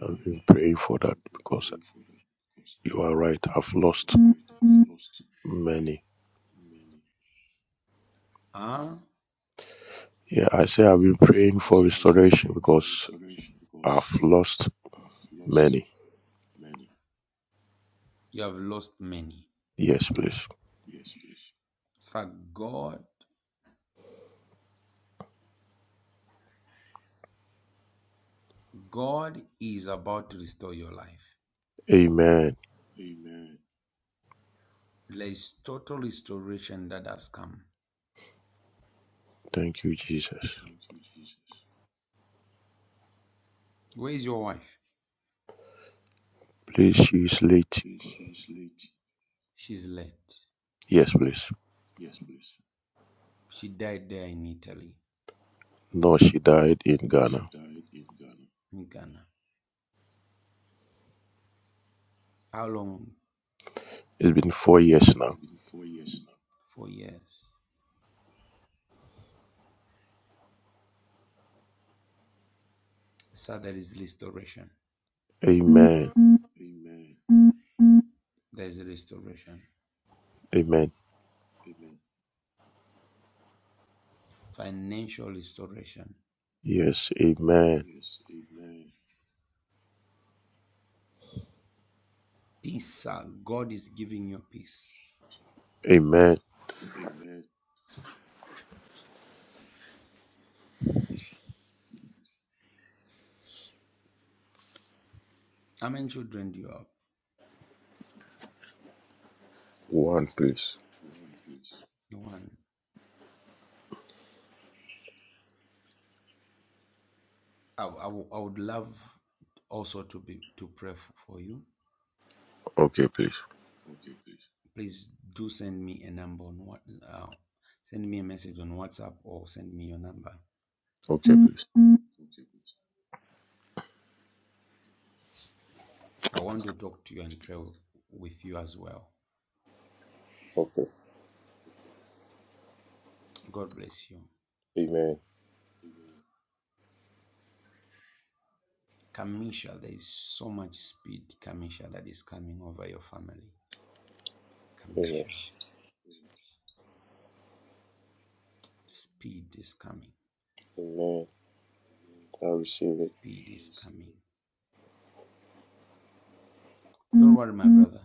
Speaker 6: I've been praying for that because you are right. I've lost many.
Speaker 1: Ah,
Speaker 6: Yeah, I say I've been praying for restoration because I've lost Many.
Speaker 1: you have lost many.
Speaker 6: Yes, please.
Speaker 1: So God, God is about to restore your life.
Speaker 6: Amen.
Speaker 1: There is total restoration that has come.
Speaker 6: Thank you, Jesus.
Speaker 1: Where is your wife?
Speaker 6: Please, she is late.
Speaker 1: She's late.
Speaker 6: Yes, please.
Speaker 1: She died there in Italy,
Speaker 6: No, she died in Ghana.
Speaker 1: in Ghana. How long?
Speaker 6: It's been four years now.
Speaker 1: Four years. So there is restoration.
Speaker 6: Amen.
Speaker 1: There's restoration,
Speaker 6: Amen.
Speaker 1: financial restoration,
Speaker 6: Yes, amen.
Speaker 1: peace. God is giving you peace.
Speaker 6: Amen.
Speaker 1: How many children do you have?
Speaker 6: One, please.
Speaker 1: One. I, I I would love also to be to pray for you.
Speaker 6: Okay, please.
Speaker 1: Please do send me a number on what uh, send me a message on WhatsApp or send me your number.
Speaker 6: Okay, please.
Speaker 1: I want to talk to you and pray with you as well.
Speaker 6: Okay.
Speaker 1: God bless you.
Speaker 6: Amen.
Speaker 1: Kamisha, there is so much speed, Kamisha, that is coming over your family.
Speaker 6: Amen.
Speaker 1: Kamisha, speed is coming.
Speaker 6: Amen. I receive it.
Speaker 1: Speed is coming. Don't worry, my brother.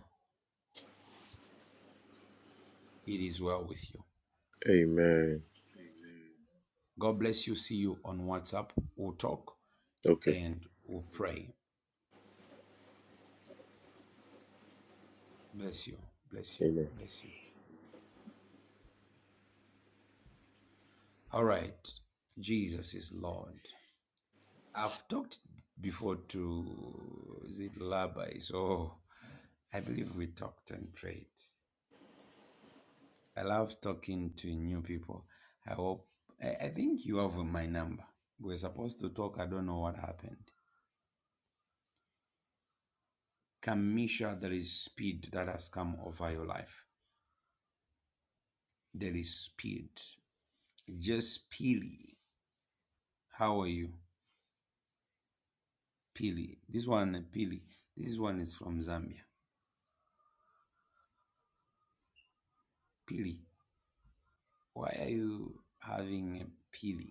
Speaker 1: It is well with you.
Speaker 6: Amen.
Speaker 1: God bless you. See you on WhatsApp. We'll talk
Speaker 6: Okay.
Speaker 1: and we'll pray. Bless you. Bless you.
Speaker 6: Amen.
Speaker 1: Bless you. All right. Jesus is Lord. I've talked before to is it Labai? So I believe we talked and prayed. I love talking to new people. I hope I, I think you have my number. We're supposed to talk. I don't know what happened. Can measure there is speed that has come over your life. There is speed. Just Pili. How are you? Pili. This one, Pili. This one is from Zambia. Pili. Why are you having a Pili?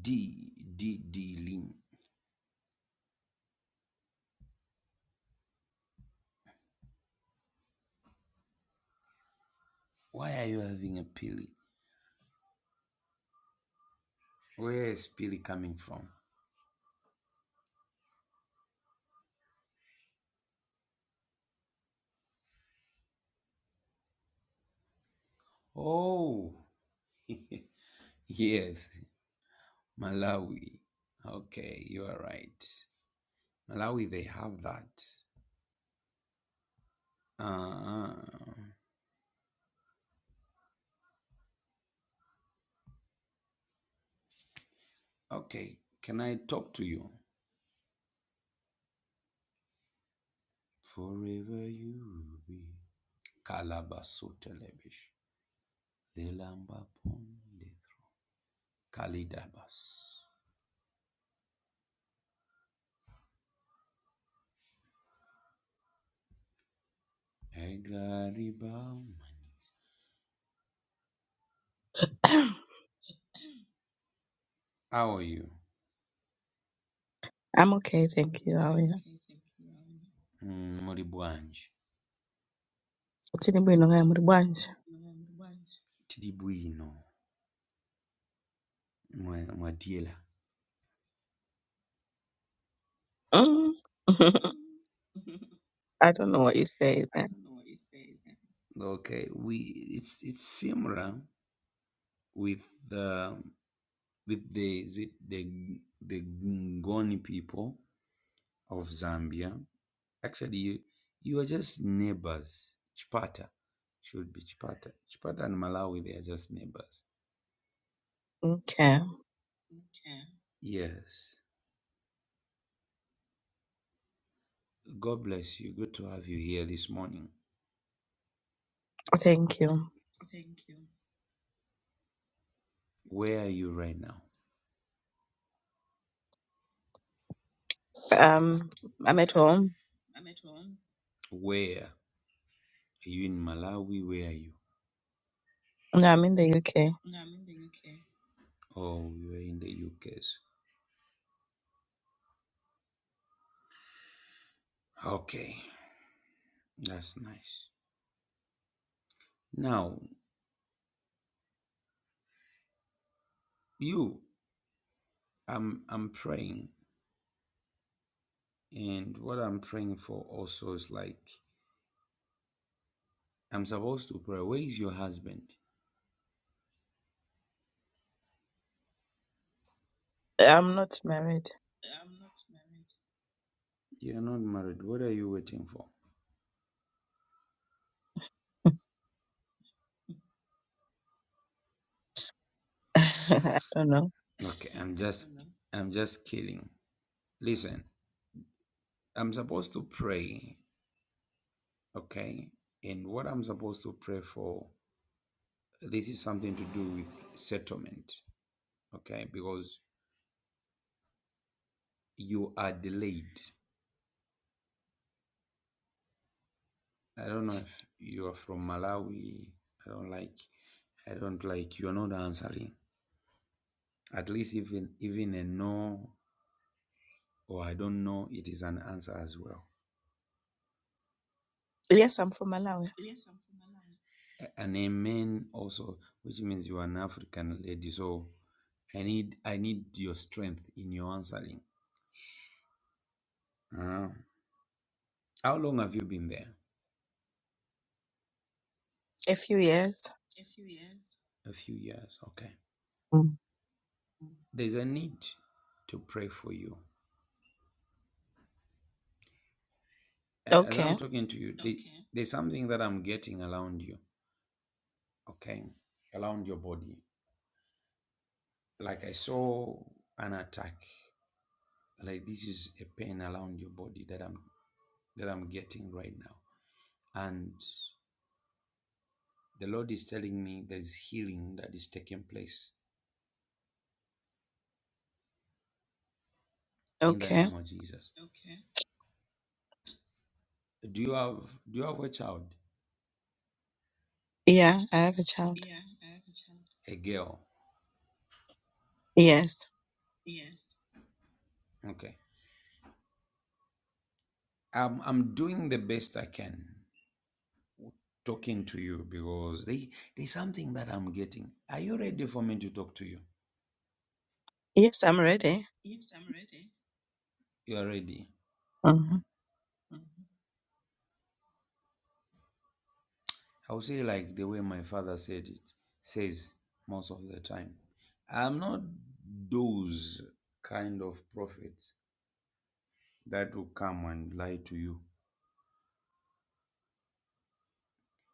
Speaker 1: D, D, D, Lin. Why are you having a Pili? Where is Pili coming from? Oh, yes, Malawi. Okay, you are right. Malawi, they have that. Uh-uh. Okay, can I talk to you? Forever you will be Calabaso Televish, the Lamba Pond, Kalidabas, Egraribaum. How are you?
Speaker 7: I'm okay, thank you. How are you?
Speaker 1: Mm, Moribuanj,
Speaker 7: Tini bwino kaya muri bwanje?
Speaker 1: Tidibuino, Mwadiela.
Speaker 7: Mm. I don't know what you say then.
Speaker 1: Okay, we it's it's similar with the with the is it the the Ngoni people of Zambia. Actually, you, you are just neighbors. Chipata should be Chipata. Chipata and Malawi, they are just neighbors.
Speaker 7: Okay,
Speaker 1: Yes. God bless you. Good to have you here this morning.
Speaker 7: thank you.
Speaker 1: Where are you right now?
Speaker 7: Um, I'm at home.
Speaker 1: Where? Are you in Malawi? Where are you?
Speaker 7: No, I'm in the UK.
Speaker 1: Oh, you're in the UK's. Okay. That's nice. Now, you, I'm, I'm praying. And what I'm praying for also is like, I'm supposed to pray. Where is your husband?
Speaker 7: I'm not married.
Speaker 1: You're not married. What are you waiting for?
Speaker 7: I don't know.
Speaker 1: Okay, I'm just No. I'm just kidding. Listen, I'm supposed to pray, okay? And what I'm supposed to pray for, this is something to do with settlement, okay? Because you are delayed. I don't know if you are from Malawi. I don't like I don't like you're not answering. At least even even a no or I don't know, it is an answer as well.
Speaker 7: Yes, I'm from Malawi.
Speaker 1: and a man also, which means you are an African lady. So I need I need your strength in your answering. Uh, how long have you been there?
Speaker 7: A few years.
Speaker 1: A few years. Okay.
Speaker 7: Mm.
Speaker 1: There's a need to pray for you. A- As I'm
Speaker 7: Okay,
Speaker 1: talking to you, the- there's something that I'm getting around you. Okay, around your body. Like I saw an attack. Like this is a pain around your body that I'm that I'm getting right now, and The Lord is telling me there is healing that is taking place in the
Speaker 7: okay.
Speaker 1: name of Jesus. Do you have do you have a child?
Speaker 7: Yeah, I have a child.
Speaker 1: A girl.
Speaker 7: Yes,
Speaker 1: Okay. I'm I'm doing the best I can talking to you because they, there's something that I'm getting. Are you ready for me to talk to you?
Speaker 7: yes, I'm ready.
Speaker 1: You are ready.
Speaker 7: hmm
Speaker 1: I will say like the way my father said it says most of the time. I'm not those kind of prophets that will come and lie to you.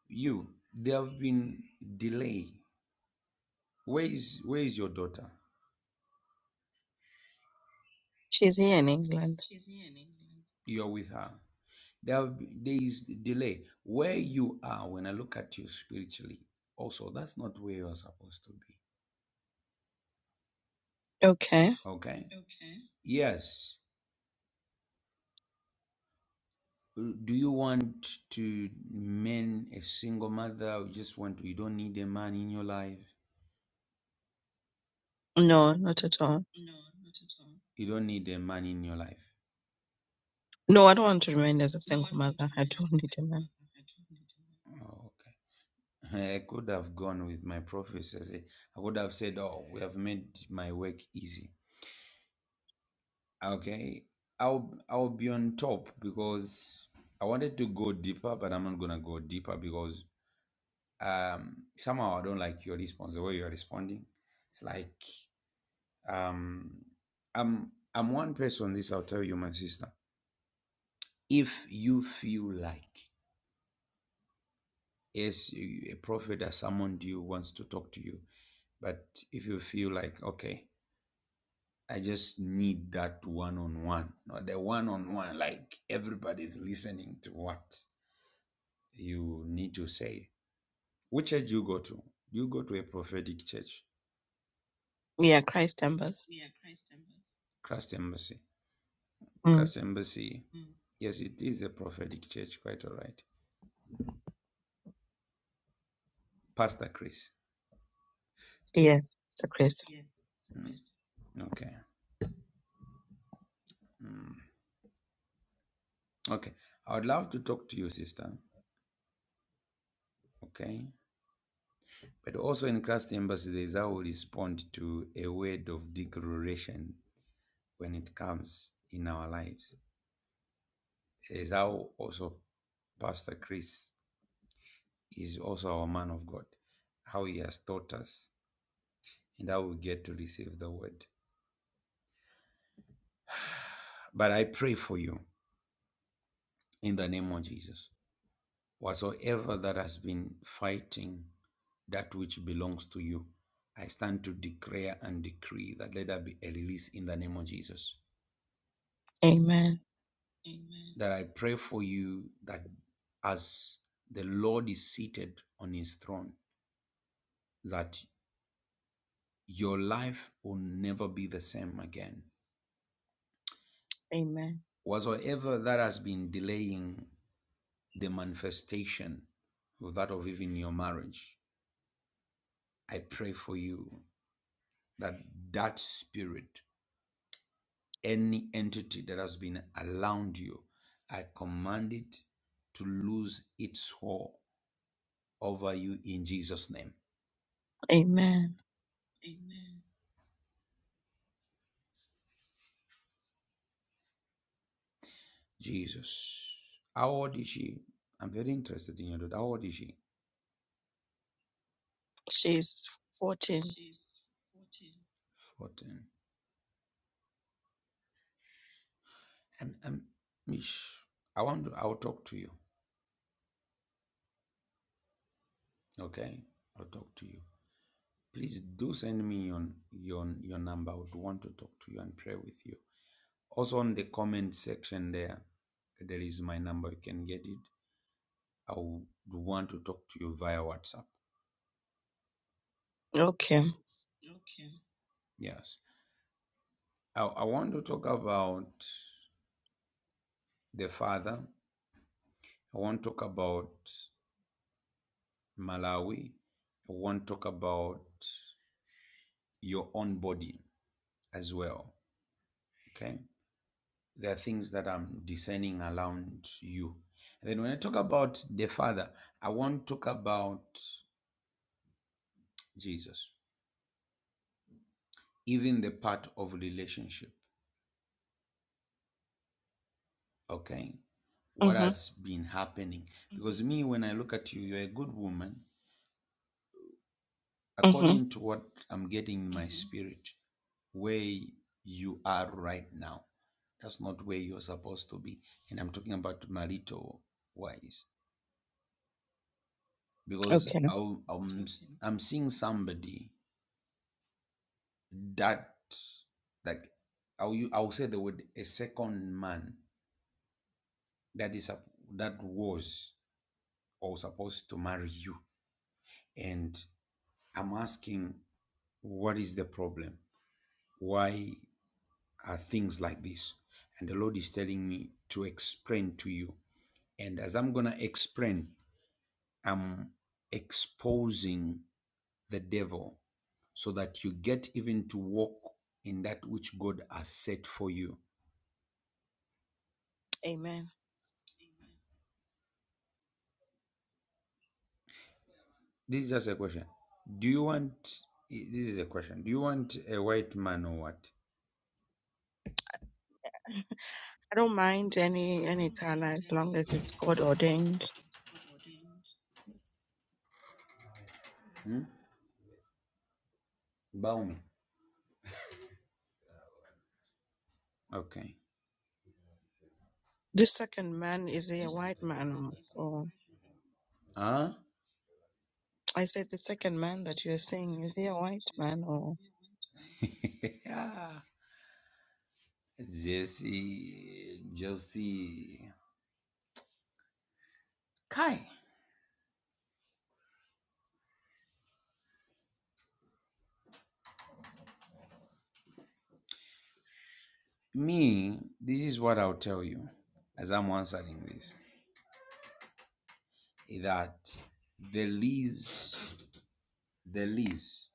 Speaker 1: You, there have been delay. Where is where is your daughter?
Speaker 7: She's here in England.
Speaker 1: You are with her. There, have, there is delay. Where you are, when I look at you spiritually, also that's not where you are supposed to be.
Speaker 7: Okay.
Speaker 1: Okay. Yes. Uh, Do you want to men a single mother? you just want to, you don't need a man in your life.
Speaker 7: No, not at all.
Speaker 1: You don't need a man in your life.
Speaker 7: No, I don't want to remain as a single mother. I don't need a man.
Speaker 1: Oh, okay. I could have gone with my prophecy. I said- I would have said, "Oh, we have made my work easy." Okay, I'll I'll be on top because I wanted to go deeper, but I'm not gonna go deeper because um somehow I don't like your response, the way you're responding. It's like um I'm I'm one person, this I'll tell you, my sister. If you feel like yes, a prophet has summoned you, wants to talk to you, but if you feel like okay, I just need that one on one, not the one on one, like everybody's listening to what. you need to say, which church do you go to? Do you go to a prophetic church?
Speaker 7: Yeah, Christ embers.
Speaker 1: Christ Embassy.
Speaker 7: Mm.
Speaker 1: Christ Embassy. Yes, it is a prophetic church. Quite all right. Pastor Chris.
Speaker 7: Yes, it's a Christ.
Speaker 1: Okay. Okay. I would love to talk to you, sister. Okay. But also in Christ Embassy, there is how we respond to a word of declaration when it comes in our lives. There Is how also Pastor Chris is also our man of God, how he has taught us and I will get to receive the word. But I pray for you in the name of Jesus. Whatsoever that has been fighting that which belongs to you, I stand to declare and decree that let there be a release in the name of Jesus.
Speaker 7: Amen.
Speaker 1: That I pray for you that as the Lord is seated on his throne, that your life will never be the same again.
Speaker 7: Amen.
Speaker 1: Whatsoever that has been delaying the manifestation of that of even your marriage, I pray for you that that spirit, any entity that has been around you, I command it to lose its hold over you in Jesus' name.
Speaker 7: Amen.
Speaker 1: Jesus. How old is she? I'm very interested in your daughter. How old is she?
Speaker 7: She's 14.
Speaker 1: 14. And, and Mish, I want to, I'll talk to you. Okay? I'll talk to you. Please do send me your, your, your number. I would want to talk to you and pray with you. Also on the comment section there, there is my number. You can get it. I would want to talk to you via WhatsApp.
Speaker 7: Okay.
Speaker 1: Yes. I, I want to talk about the father. I want to talk about Malawi. I want to talk about your own body as well. Okay. There are things that I'm discerning around you. And then when I talk about the father, I want to talk about Jesus, even the part of relationship. Okay. What
Speaker 7: Mm-hmm.
Speaker 1: has been happening? Because me, when I look at you, you're a good woman,
Speaker 7: Mm-hmm.
Speaker 1: according to what I'm getting in my spirit, where you are right now. That's not where you're supposed to be. And I'm talking about marital wise. Because
Speaker 7: Okay.
Speaker 1: I'll, I'm, I'm seeing somebody that, like, I'll, u- I'll say the word a second man that is sup- that was or supposed to marry you. And I'm asking, what is the problem? Why are things like this? And the Lord is telling me to explain to you. And as I'm going to explain, I'm exposing the devil so that you get even to walk in that which God has set for you.
Speaker 7: Amen.
Speaker 1: This is just a question. Do you want, this is a question. Do you want a white man or what?
Speaker 7: I don't mind any any color as long as it's God ordained.
Speaker 1: Hmm? Baumi. Okay.
Speaker 7: This second man, is he a white man or, or
Speaker 1: Huh?
Speaker 7: I said the second man that you're saying, is he a white man or
Speaker 1: Yeah. Jesse, Josie. Kai, me, this is what I'll tell you as I'm answering this is that the least, the least,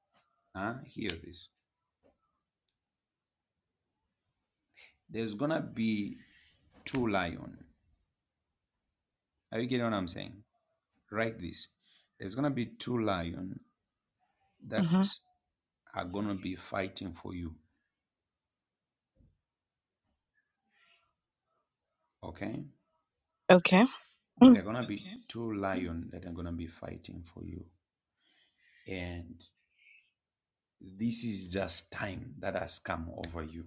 Speaker 1: huh? Hear this. There's gonna be two lion. Are you getting what I'm saying? Write this. There's gonna be two lion that
Speaker 7: hmm
Speaker 1: are gonna be fighting for you. Okay?
Speaker 7: okay.
Speaker 1: They're
Speaker 7: Mm.
Speaker 1: gonna be Okay. two lion that are gonna be fighting for you. And This is just time that has come over you.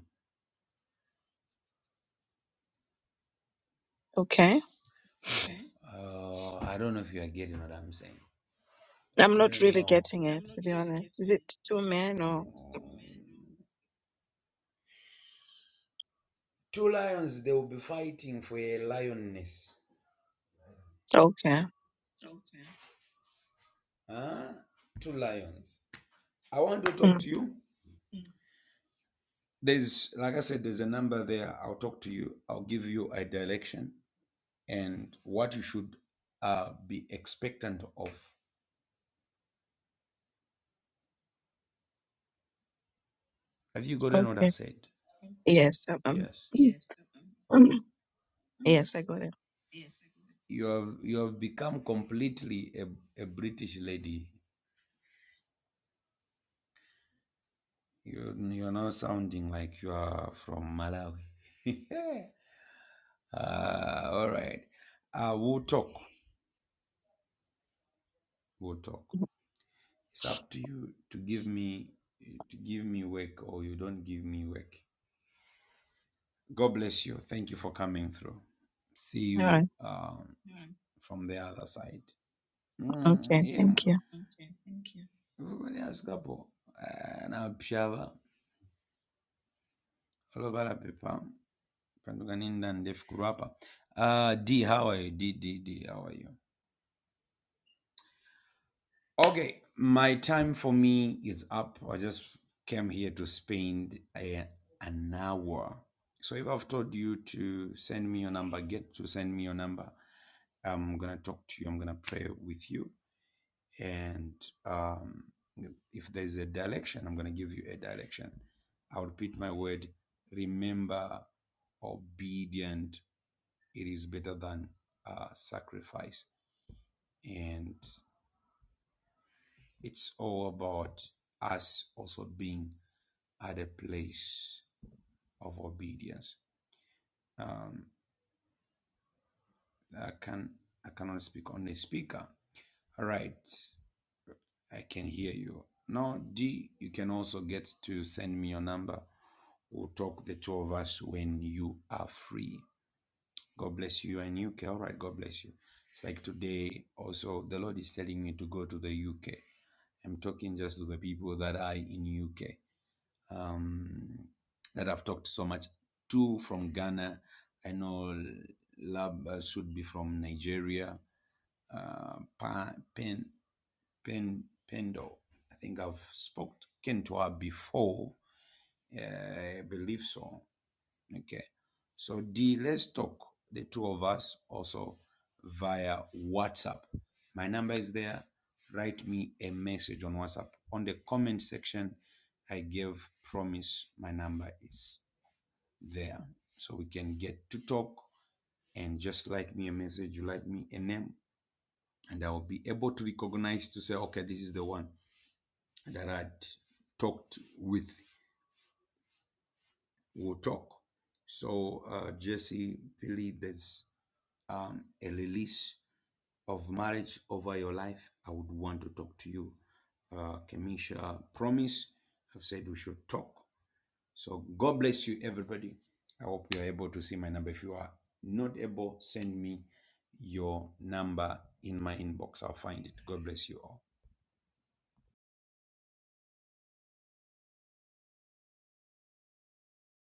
Speaker 7: Okay.
Speaker 1: Okay. Oh, uh, I don't know if you are getting what I'm saying.
Speaker 7: I'm
Speaker 1: I
Speaker 7: not
Speaker 1: don't
Speaker 7: really
Speaker 1: know.
Speaker 7: getting it to be honest. Is it two men or
Speaker 1: Two lions, they will be fighting for a lioness.
Speaker 7: okay.
Speaker 1: Huh? Two lions. I want to talk to you. There's, like I said, there's a number there. I'll talk to you. I'll give you a direction and what you should uh, be expectant of. Have you gotten what
Speaker 7: Mm.
Speaker 1: I've said?
Speaker 7: Yes, um,
Speaker 1: Yes.
Speaker 7: um,
Speaker 1: Yes.
Speaker 7: um, yes, I got it.
Speaker 1: you have you have become completely a, a British lady. You you're now sounding like you are from Malawi. uh, all right, uh, we'll talk. We'll talk. It's up to you to give me to give me work or you don't give me work. God bless you. Thank you for coming through. See
Speaker 7: All
Speaker 1: you
Speaker 7: right.
Speaker 1: um, from the other side. Mm,
Speaker 7: Okay.
Speaker 1: yeah,
Speaker 7: Thank
Speaker 1: man.
Speaker 7: you.
Speaker 1: Everybody has couple. Uh, now, Pshava, all over the paper. Kanduganinda and Def Kurapa. Uh, D, how are you? D, D, D, how are you? Okay, my time for me is up. I just came here to spend a, an hour. So if I've told you to send me your number, get to send me your number. I'm gonna talk to you. I'm gonna pray with you, and um, if there's a direction, I'm gonna give you a direction. I'll repeat my word. Remember, obedient It is better than uh, sacrifice. And it's all about us also being at a place of obedience. Um, I can I cannot speak on the speaker. All right, I can hear you. Now, D, you can also get to send me your number. We'll talk the two of us when you are free. God bless you and UK. All right, God bless you. It's like today also the Lord is telling me to go to the UK. I'm talking just to the people that are in UK um, that I've talked so much to from Ghana. I know Lab uh, should be from Nigeria. Uh, pa, Pen Pen Pendo. I think I've spoken to her before. Uh, I believe so. Okay. So D, let's talk, the two of us also via WhatsApp. My number is there. Write me a message on WhatsApp. On the comment section, I gave promise my number is there. So we can get to talk and just write me a message. You write me a name, and I will be able to recognize to say, okay, this is the one that I talked with. We'll talk. So, uh, Jesse, Billy, there's um, a release of marriage over your life, I would want to talk to you. Uh, Kemisha promise. I've said we should talk. So God bless you, everybody. I hope you are able to see my number. If you are not able, send me your number in my inbox. I'll find it. God bless you all.